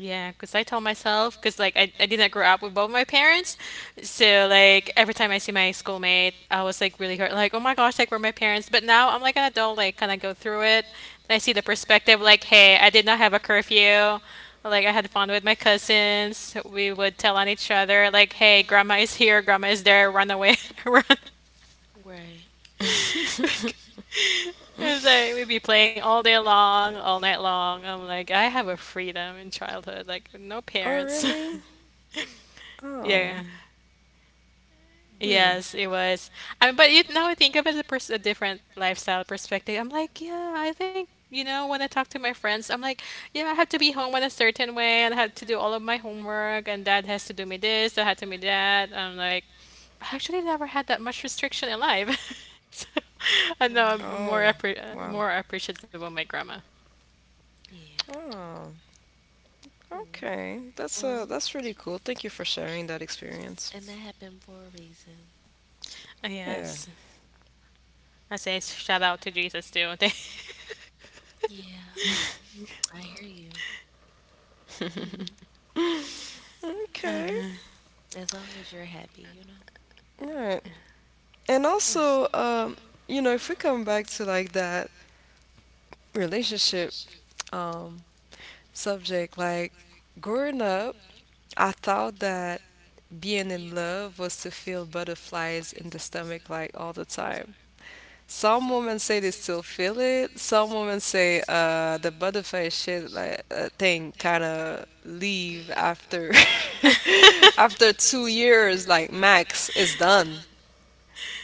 C: Yeah, because I tell myself, because like I didn't grow up with both my parents. So like every time I see my schoolmate, I was like really hurt, like, oh my gosh, like were my parents. But now I'm like an adult, like kind of go through it. And I see the perspective, like, hey, I did not have a curfew. Like I had fun with my cousins. We would tell on each other, like, hey, grandma is here, grandma is there, run away, run.
B: Right.
C: Like, it's like we'd be playing all day long, all night long. I'm like, I have a freedom in childhood, like with no
A: Oh,
C: parents.
A: really? Oh,
C: Yeah.
A: hmm.
B: Mm.
C: Yes, it was. I mean, but you now I think of it as a, pers- a different lifestyle perspective. I'm like, yeah, I think you know when I talk to my friends, I'm like, yeah, I have to be home in a certain way, and I had to do all of my homework, and dad has to do me this, dad had to do me that. I'm like, I actually never had that much restriction in life. So, I know
B: Right.
A: Oh,
C: I'm more appre-
A: wow.
C: more appreciative of my grandma.
B: Yeah.
A: Oh,
B: Mm.
A: okay,
B: Well,
A: that's really cool. Thank you for sharing that experience.
B: and that happened for a reason.
A: Yeah.
C: Yes, I say shout out to Jesus too.
B: Yeah. I hear you.
A: Okay.
C: Thank-
B: As long as you're happy, you know?
A: All right. And also, you know, if we come back to like that relationship um subject, like growing up, I thought that being in love was to feel butterflies in the stomach like all the time. Some women say they still feel it. Some women say the butterfly shit like thing kind of leave after after two years, like max, is done.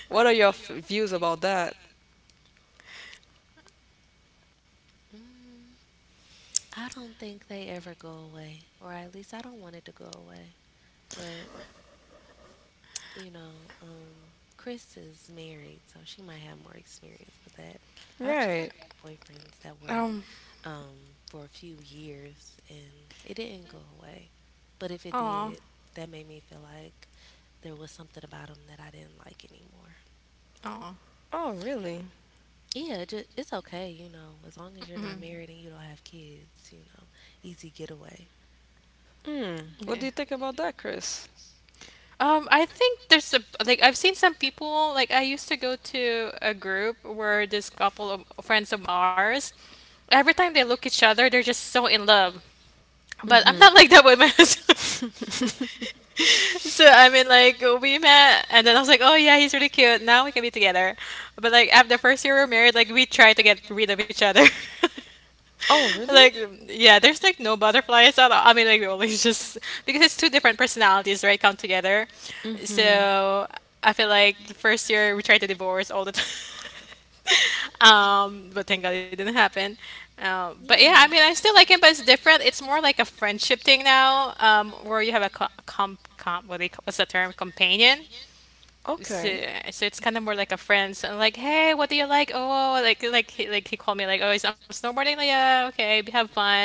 A: What are
C: done.
A: your views about that?
B: Mm, I don't think they ever go away, or at least I don't want it to go away. But, you know, um, Chris is married, so she might have more experience with that. I've just
A: Right.
B: had boyfriends that were
C: Um.
B: um, for a few years and it didn't go away. But if it
C: Oh.
B: did, that made me feel like there was something about them that I didn't like anymore.
C: Oh.
A: Oh, really?
B: Yeah, it's okay, as long as you're
C: Mm,
B: not married and you don't have kids, you know, easy getaway.
A: Hmm. What
C: yeah.
A: do you think about that, Chris?
C: I think there's a like I've seen some people like I used to go to a group where this couple of friends of ours, every time they look at each other, they're just so in love. But I'm
A: Mm-hmm.
C: not like that with my husband. So I mean, like we met, and then I was like, "Oh yeah, he's really cute. Now we can be together." But like after the first year we were married, like we tried to get rid of each other.
A: Oh, really?
C: Like, yeah, there's like no butterflies at all. I mean, like, always just because it's two different personalities, right? Come together.
A: Mm-hmm.
C: So I feel like the first year we tried to divorce all the time. But thank God it didn't happen. But yeah, I
B: Yeah.
C: mean, I still like him, but it's different. It's more like a friendship thing now, where you have a co- com com what do you, what's the term companion,
A: Okay.
C: so, so it's kind of more like a friend's, and like, hey what do you like, oh oh, like he, he called me like oh I'm snowboarding, like yeah okay have fun.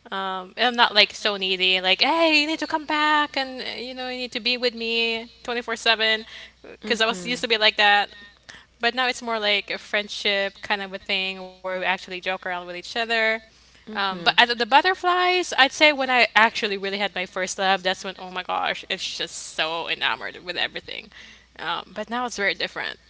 C: And I'm not like so needy like hey you need to come back and you know you need to be with me 24/7 because I was
A: Mm-hmm.
C: used to be like that, but now it's more like a friendship kind of a thing where we actually joke around with each other. But as of the butterflies, I'd say when I actually really had my first love, that's when, oh my gosh, it's just so enamored with everything. But now it's very different,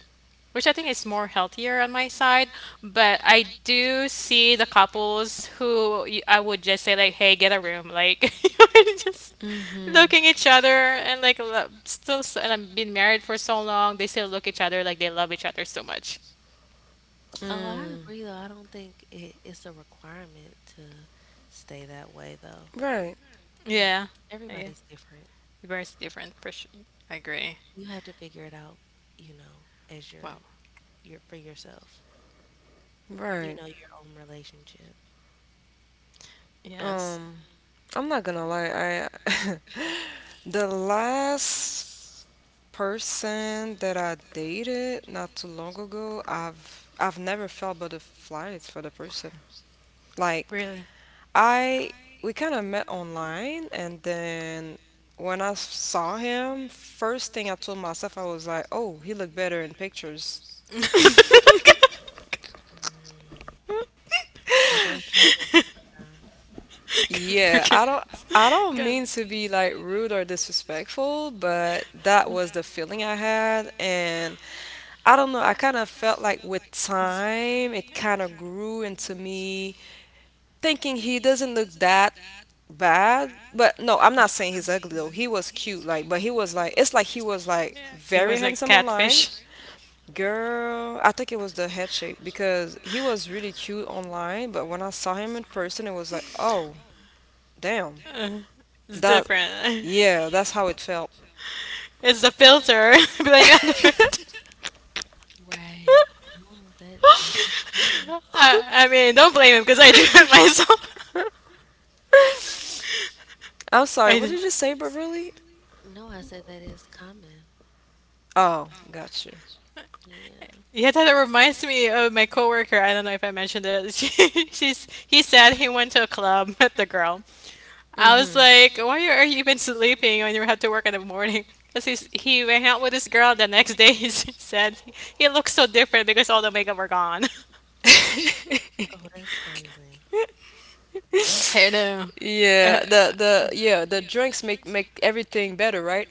C: which I think is more healthier on my side. But I do see the couples who y- I would just say like, "Hey, get a room," like you're just looking
A: Mm-hmm.
C: each other and like lo- still. S- and I've been married for so long; they still look each other like they love each other so much.
B: Oh, I
A: Mm,
B: agree though. I don't think it's a requirement to stay that way though.
A: right,
B: You
C: Yeah,
B: know,
C: yeah,
B: Everybody's different.
C: very different. For sure. I agree.
B: You have to figure it out, as your
C: Wow.
B: your for yourself.
A: right.
B: Your own relationship.
C: Yes.
A: Um, I'm not gonna lie. I the last person that I dated not too long ago, I've never felt butterflies for the person. Like
C: Really.
A: I we kind of met online, and then when I saw him, first thing I told myself I was like, "Oh, he looked better in pictures."
B: Mm, that does happen sometimes.
C: Forget.
A: Yeah, I don't mean to be like rude or disrespectful, but that was the feeling I had and I don't know, I kind of felt like with time it kind of grew into me thinking he doesn't look that bad. But no, I'm not saying he's ugly though. He was cute like, but he was like it's like he was like
C: He
A: very
C: was
A: handsome online. Girl, I think it was the head shape because he was really cute online, but when I saw him in person, it was like, oh, damn.
C: Uh, it's
A: That,
C: different.
A: yeah, that's how it felt.
C: It's the filter. Blame it on the filter.
B: Mm. Right. No, that is common.
C: I mean, don't blame him because I do it myself.
A: I'm sorry,
C: I
A: what
C: did.
A: did
C: Sorry,
A: you
C: what
A: say,
C: did you say
A: Beverly?
C: really?
B: No, I said that is common.
A: Oh, got you.
B: Yeah.
C: Yeah, that reminds me of my coworker. I don't know if I mentioned it. She's he said he went to a club with the girl. I was like,
A: Hmm.
C: why are you even sleeping when you have to work in the morning? Because he went out with this girl, and the next day said he looks so different because all the makeup were gone.
B: Oh, that's crazy.
C: I know. Uh,
A: Yeah, the drinks make everything better, right?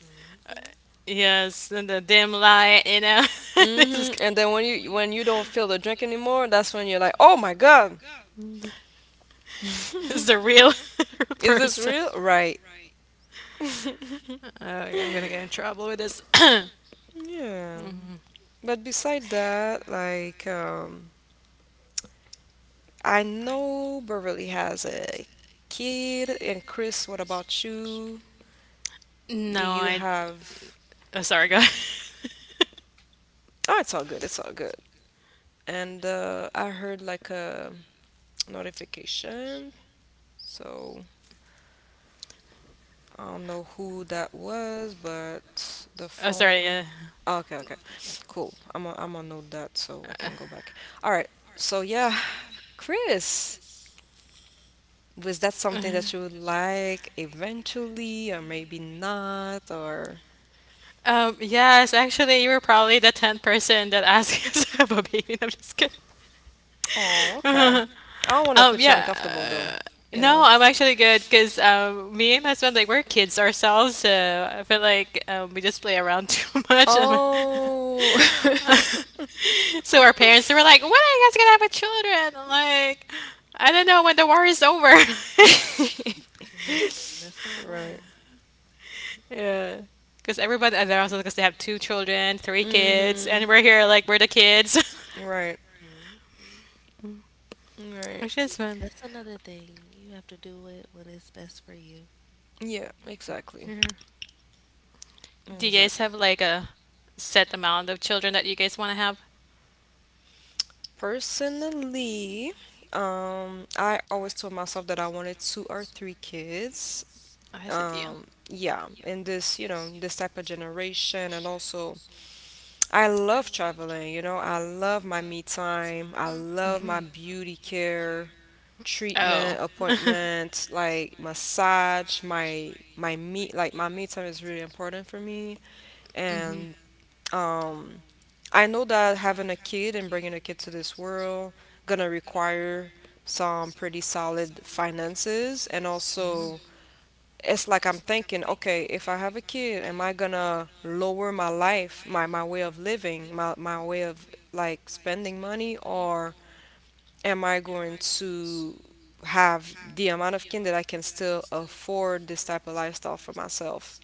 B: Hmm.
C: Yes, and the dim light, you know. This
A: Hmm.
C: is
A: And then when you don't feel the drink anymore, that's when you're like, "Oh my God,
C: this is the
A: is
C: real
A: this
C: person.
A: real?" Right.
C: Right. I'm gonna get in trouble with this. No,
A: Yeah. But beside that, like, I know Beverly has a kid, and Chris, what about you? Do you
C: I.
A: have?
C: Oh, sorry, go.
A: Oh, it's all good. It's all good. And I heard like a notification, so I don't know who that was, but the
C: Oh, sorry.
A: phone.
C: Yeah.
A: Oh, okay, okay, cool. I'm gonna note that so I can go back. All right. So yeah, Chris. Was that something that you would like eventually, or maybe not, or?
C: Yes, actually, you were probably the 10th person that asked us about baby. No, I'm just kidding.
A: Oh, okay. I don't want to put you
C: Yeah.
A: uncomfortable though, you
C: No,
A: know.
C: I'm actually good because me and my husband like we're kids ourselves, so I feel like we just play around too much. And
A: Oh.
C: so our parents they were like, "When are you guys gonna have a children?" I'm like, I don't know when the war is over.
B: Listen, that's not
A: Right.
B: wrong.
C: Yeah, because everybody, and they're also because they have two children, three kids, and
A: Mm-hmm.
C: we're here like we're the kids,
A: Right.
B: Hmm.
A: Right.
C: which is fun.
B: That's another thing. You have to do it when it's best for you.
A: Yeah, exactly.
C: Yeah. Do you guys
A: Exactly.
C: have like a set amount of children that you guys want to have?
A: Personally, I always told myself that I wanted two or three kids.
C: I had it, yeah.
A: Um, yeah, in this, you know, this type of generation, and also I love traveling, you know. I love my me time, I
C: Mm.
A: love my
C: Mhm.
A: beauty care treatment
C: Oh.
A: appointments like massage, my me, like my me time is really important for me
C: Mhm.
A: and um I know that having a kid and bringing a kid to this world gonna require some pretty solid finances, and
C: Mhm.
A: also it's like I'm thinking, okay, if I have a kid, am I gonna lower my life, my way of living, my way of like spending money, or am I going to have the amount of kin that I can still afford this type of lifestyle for myself?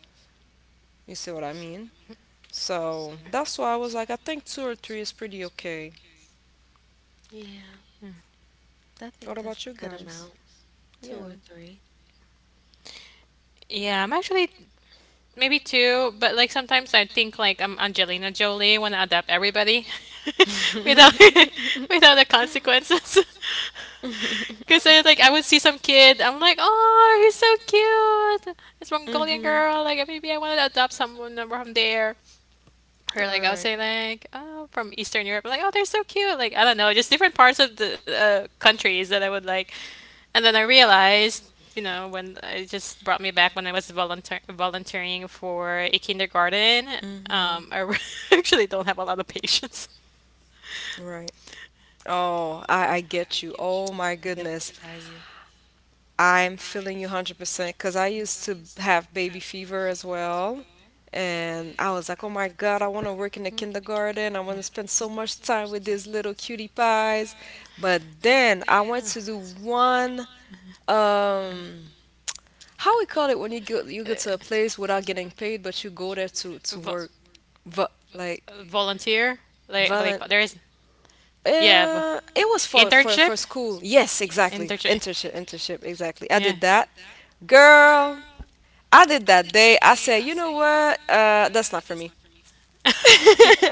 A: You see what I mean? So that's why I was like, I think two or three is pretty okay.
B: Yeah, I
A: What
B: think that's
A: about
B: a
A: you
B: good
A: guys?
B: amount, two
A: Yeah.
B: or three.
C: Yeah, I'm actually maybe two, but like sometimes I think like I'm Angelina Jolie, want to adapt everybody without without the consequences. Because
B: Oh,
C: I would see some kid, I'm like, oh, he's so cute. This Mongolian girl, like maybe I want to adopt someone from there.
A: All
C: Or like I would
A: right.
C: say like, oh, from Eastern Europe, like oh, they're so cute. Like I don't know, just different parts of the countries that I would like. And then I realized, you know, when it just brought me back when I was volunteering for a kindergarten.
A: Mm-hmm.
C: Um, I re- actually don't have a lot of patience.
A: Right. Oh, I get you. Oh
B: they
A: my
B: could definitely
A: goodness.
B: try you.
A: I'm feeling you 100% because I used to have baby fever as well. And I was like, oh my God, I want to work in the kindergarten. I want to spend so much time with these little cutie pies. But then I went to do one, um, how we call it when you go to a place without getting paid, but you go there to
C: Vo-
A: work, Va like
C: volunteer? Like what they call there is yeah, but
A: It was for for
C: internship?
A: for school. Yes, exactly.
C: Internship.
A: Internship, exactly. I
C: Yeah.
A: did that, girl. I did that day. I said, you know what? That's not for me.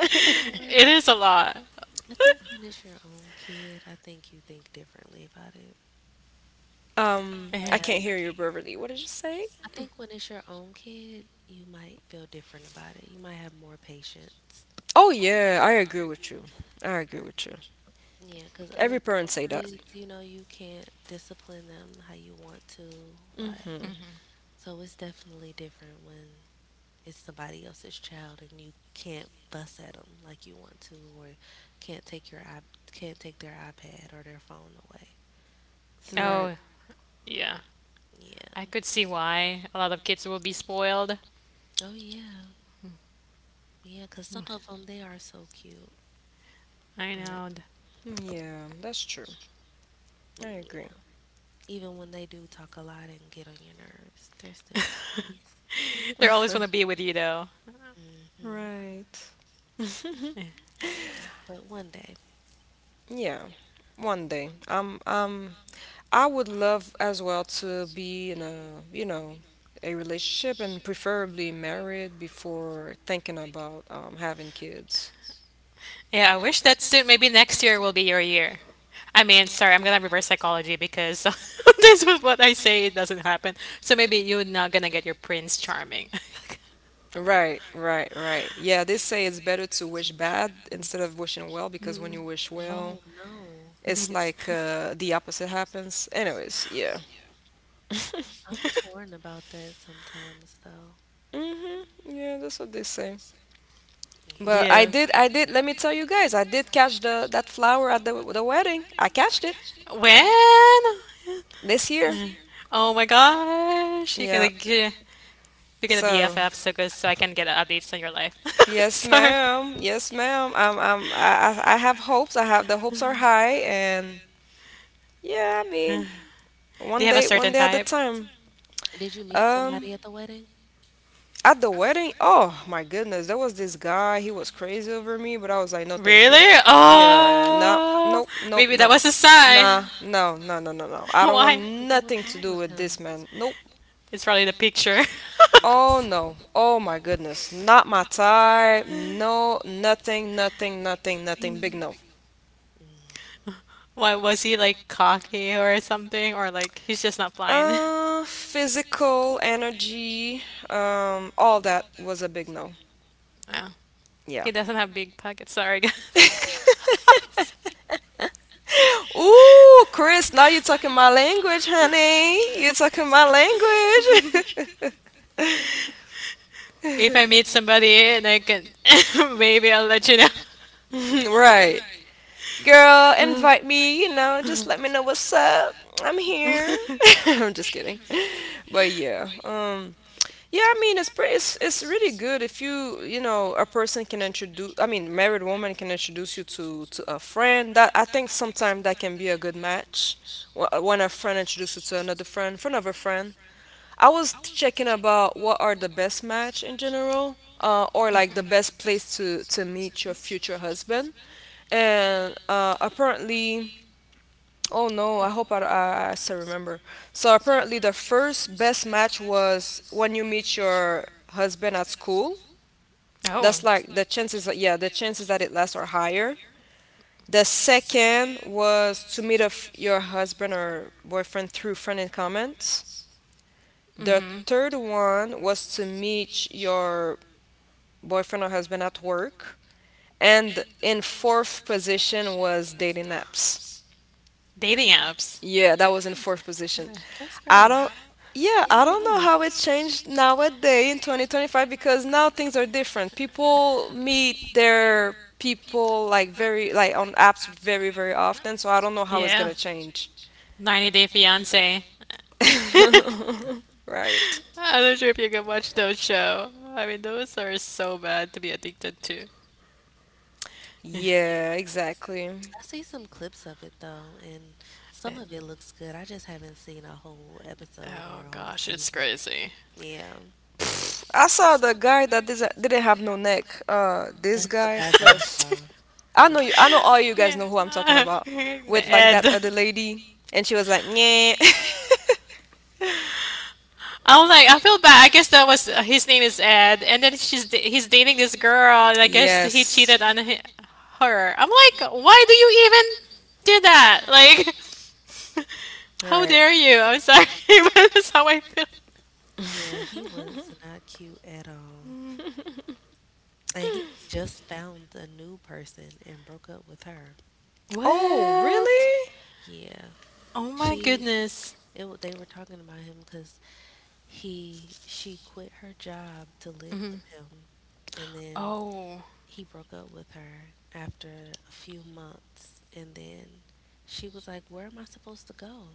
B: But you know
C: It
B: what?
C: is a lot.
B: I think when it's your own kid, I think you think differently about it. You
C: Hmm.
B: might
A: I
B: have,
A: can't hear you, Beverly. What did you say?
B: I think when it's your own kid, you might feel different about it. You might have more patience.
A: Oh yeah, I agree with you. I agree with you.
B: Yeah, because other
A: Every parent
B: people's
A: say that.
B: kids, you can't discipline them how you want to. Like,
A: Hmm.
B: so it's definitely different when it's somebody else's child and you can't fuss at them like you want to or can't take your I can't take their iPad or their phone away. So,
A: Right.
C: Oh, yeah. I
B: yeah.
C: could see why a lot of kids will be spoiled.
B: Oh yeah. Yeah, 'cause some of them they are so cute,
C: I
B: but
C: know.
A: Yeah, that's true. I agree.
B: yeah, even when they do talk a lot and get on your nerves, they're still cuties.
C: They're always want to be with you, though.
B: Mhm.
A: Right.
B: Yeah, but one day.
A: Yeah. One day. I would love as well to be in a, you know, a relationship and preferably married before thinking about having kids.
C: Yeah, I wish that soon, maybe next year will be your year. I mean, sorry, I'm gonna reverse psychology because this is what I say it doesn't happen. So maybe you're not gonna get your Prince Charming.
A: Right, right, right. Yeah, they say it's better to wish bad instead of wishing well, because
C: Yeah.
A: when you wish
B: Oh
A: well,
B: no.
A: it's like the opposite happens. Anyways, yeah.
B: I'm torn about that sometimes though.
A: Hmm. Yeah, that's what they say.
B: Yeah.
A: But I
C: Yes.
A: did, I did. Let me tell you guys, I did catch the that flower at the wedding. I catched it
C: When?
A: this year.
C: Oh my gosh, you're gonna
A: Yeah.
C: get we get a
A: So.
C: BFF so good so I can get updates on your life.
A: Yes,
C: Yes,
A: ma'am. Yes, ma'am. I have hopes. I have the hopes are high, and yeah, I mean,
C: do you have a I
A: one
C: certain think
A: day at a
C: type?
A: time.
B: Did you meet
A: Um,
B: somebody at the wedding?
A: at the wedding, oh my goodness, there was this guy. He was crazy over me, but I was like, no, thank you.
C: Really?
A: Yeah, nah,
C: Oh,
A: nope, nope,
C: maybe that
A: nope.
C: was a sign.
A: Nah, no, no, no, no, no. I don't
B: Why
A: want
C: Why?
B: not? What was
A: nothing to
B: wrong
A: do
B: with
A: with this
B: him?
A: man. Nope.
C: It's probably the picture.
A: Oh no. Oh my goodness. Not my type. No, nothing, nothing, nothing, nothing. Big no.
B: Mm.
C: Why was he like cocky or something, or like he's just not blind?
A: Physical energy, all that was a big no.
C: Oh,
A: Yeah.
C: he doesn't have big pockets. Sorry, guys.
A: Ooh, Chris, now you're talking my language, honey. You're talking my language.
C: If I meet somebody and I can, maybe I'll let you know.
A: Right. Girl, invite me, you know, just let me know what's up. I'm here. I'm just kidding. But yeah, yeah, I mean it's pretty it's really good if you know a person can introduce, I mean, married woman can introduce you to a friend, that I think sometimes that can be a good match when a friend introduces you to another friend, friend of a friend. I was checking about what are the best match in general, or like the best place to meet your future husband and apparently Oh no, I hope I still remember. So apparently the first best match was when you meet your husband at school. That's
C: Oh.
A: like the chances, yeah, the chances that it lasts are higher. The second was to meet a f your husband or boyfriend through friend and comments. The
C: Mm-hmm.
A: third one was to meet your boyfriend or husband at work. And in fourth position was dating apps.
C: They're dating apps.
A: Yeah, that was in fourth position.
B: That's
A: I
B: crazy.
A: don't. Yeah,
B: I
A: I
B: wonder
A: don't know
B: why.
A: how it changed nowadays in 2025, because now things are different. People meet their people like very like on apps very often, so I don't know how it's gonna change.
C: 90 Day Fiance.
B: Yeah.
A: Right.
C: I'm not sure if you can watch those show. I mean, those are so bad to be addicted to.
A: Yeah, exactly.
B: I see some clips of it though, and some
C: It,
B: of it looks good. I just haven't seen a whole episode
C: oh
B: or a whole
C: gosh, it's
B: season.
C: crazy.
B: Yeah.
A: I saw the guy that didn't have no neck. This
B: That's the
A: guy
B: guy that I
A: plus
B: saw.
A: I
B: Yeah.
A: know you. I know all you guys
C: Yeah,
A: know who I'm talking
C: guys.
A: about. With
B: Yeah,
A: like that
C: Ed.
A: other lady, and she was like, "Yeah."
C: I'm like, I feel bad. I guess that was his name is Ed, and then he's dating this girl, and I guess he
A: Yes.
C: cheated on hi her. I'm like, why do you even do that? Like,
A: All
C: how
A: right.
C: dare you? I'm sorry, but that's how I feel.
B: yeah, he was not cute at all.
C: Mm.
B: And he just found a new person and broke up with her.
C: What?
A: Oh,
C: Really?
A: really?
B: Yeah.
C: Oh my
B: She
C: goodness.
B: they were talking about him because he she quit her job to live with
C: Mhm.
B: him. And then
C: Oh,
B: he broke up with her after a few months, and then she was like, where am I supposed to go?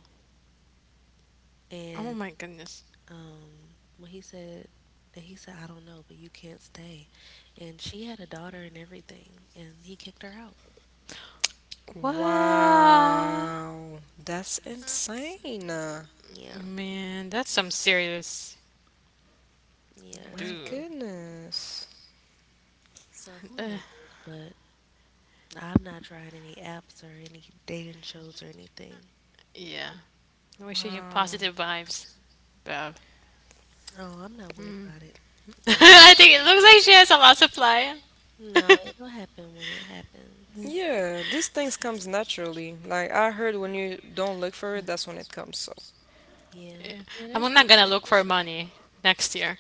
B: And
C: oh my goodness.
B: when he said and he said, I don't know, but you can't stay. And she had a daughter and everything, and he kicked her out.
C: What?
A: Wow. That's insane.
B: Yeah,
C: Man, that's some serious
B: yeah, it's
A: My
C: boo.
B: crazy.
A: goodness.
B: So who
C: Uh,
B: knows? But I'm not trying any apps or any dating shows or anything.
C: yeah. Wishing you
A: Wow.
C: positive vibes, Bob.
B: Oh, I'm not worried
C: Hmm.
B: about it, it
C: I think it looks like she has a lot of supply.
B: No,
C: Yeah.
B: it'll happen when it happens.
A: Yeah, these things comes naturally. Like I heard when you don't look for it, that's when it comes, so.
B: Yeah, yeah, there's
C: I'm
B: no
C: not gonna
B: point in
C: look for
B: rushing.
C: money next year.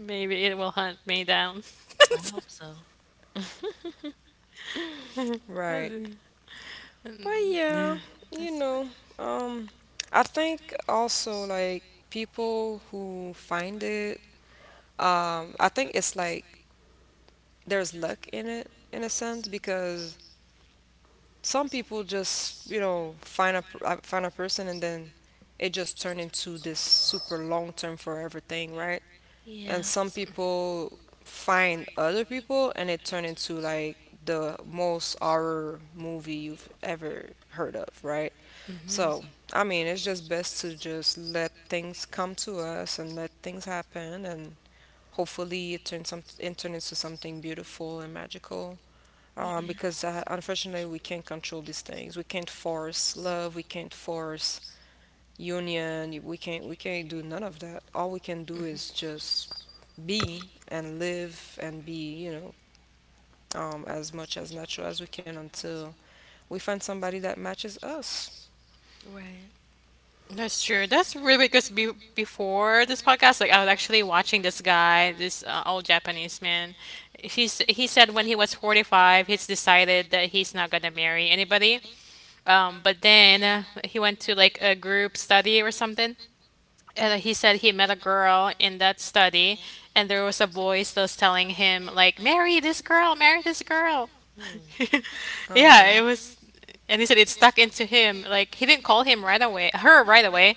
C: Maybe it will hunt me down.
B: I hope so.
C: Yeah.
A: Right. But yeah, you
B: That's
A: know,
B: funny.
A: um, I think also like people who find it, I think it's like there's luck in it in a sense, because some people just, you know, find find a person, and then it just turn into this super long-term forever thing, right? And
B: Yeah,
A: some people find other people and it turn into like the most horror movie you've ever heard of, right? So, I mean, it's just best to just let things come to us and let things happen, and hopefully it turn into something beautiful and magical.
B: yeah,
A: Because unfortunately, we can't control these things. We can't force love. We can't force union. We can't do none of that. All we can do is just be and live and be, you know, as much as natural as we can until we find somebody that matches us.
B: right.
C: That's true. That's really because be before this podcast, like I was actually watching this guy, this old Japanese man. He said when he was 45, he's decided that he's not gonna marry anybody. But then he went to like a group study or something, and he said he met a girl in that study, and there was a boy still telling him like, "Marry this girl, marry this girl."
B: Hmm.
A: Um,
C: Yeah, it was, and he said it stuck into him. Like he didn't call him right away, her right away,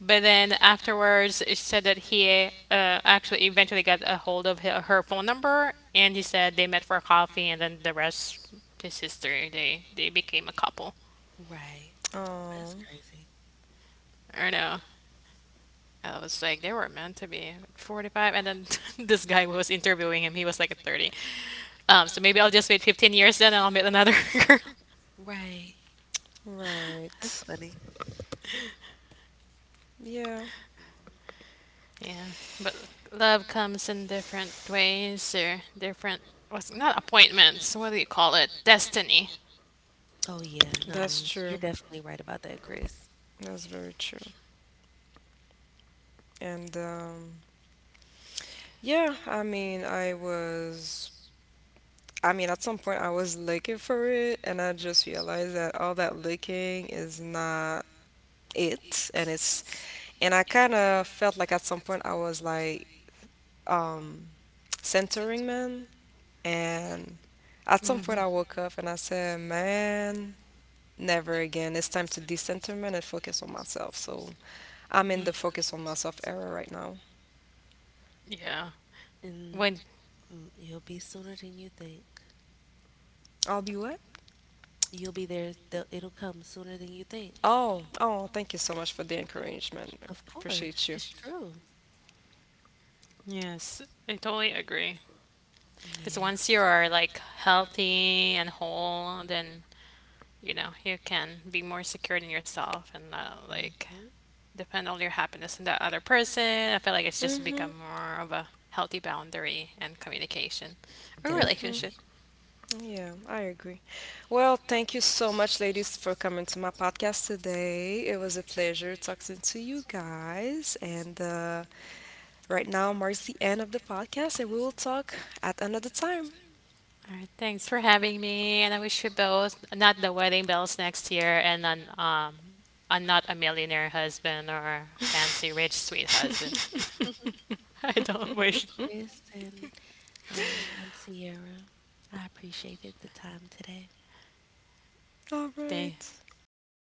C: but then afterwards, she said that he actually eventually got a hold of her, her phone number, and he said they met for coffee, and then the rest is history. They became a couple.
B: Right. Oh, that's crazy.
C: I don't know. I was like, they were meant to be 45, and then this guy who was interviewing him, he was like at 30. So maybe I'll just wait 15 years then, and I'll meet another girl.
B: Right.
A: Right.
B: That's funny.
A: Yeah,
C: Yeah, but love comes in different ways or different. What's not appointments? What do you call it? Destiny.
B: Oh yeah, no,
A: that's
B: you're
A: true.
B: definitely right about that, Chris.
A: That's very true. And yeah, I mean, I mean, at some point I was looking for it and I just realized that all that looking is not it, and it's and I kind of felt like at some point I was like um centering man, and at some
C: That's
A: point
C: hmm.
A: I woke up and I said, "Man, never again. It's time to decenter man and focus on myself." So I'm in
B: Yeah,
A: the focus on myself era right now.
C: Yeah.
B: and
C: When
B: you'll be sooner than you think.
A: I'll be what?
B: You'll be there. It'll come sooner than you think.
A: Oh, oh, thank you so much for the encouragement.
B: Of
A: Appreciate
B: course,
A: you.
B: it's true.
C: yes, I totally agree. Because
B: Yeah,
C: once you are like healthy and whole, then you know you can be more secure in yourself and not like
B: hmm
C: depend on your happiness in that other person. I feel like it's just
A: Mm-hmm.
C: become more of a healthy boundary and communication or
A: Mm-hmm.
C: relationship.
B: definitely.
A: Yeah, I agree. Well, thank you so much, ladies, for coming to my podcast today. It was a pleasure talking to you guys. And right now marks the end of the podcast, and we will talk at another time.
C: All right, thanks for having me, and I wish you both not the wedding bells next year, and an and not a millionaire husband or fancy rich sweet husband. I don't
B: Thank
C: wish.
B: you, Chris, and and Sierra. I appreciated the time today.
A: All
C: They,
A: right.
C: thank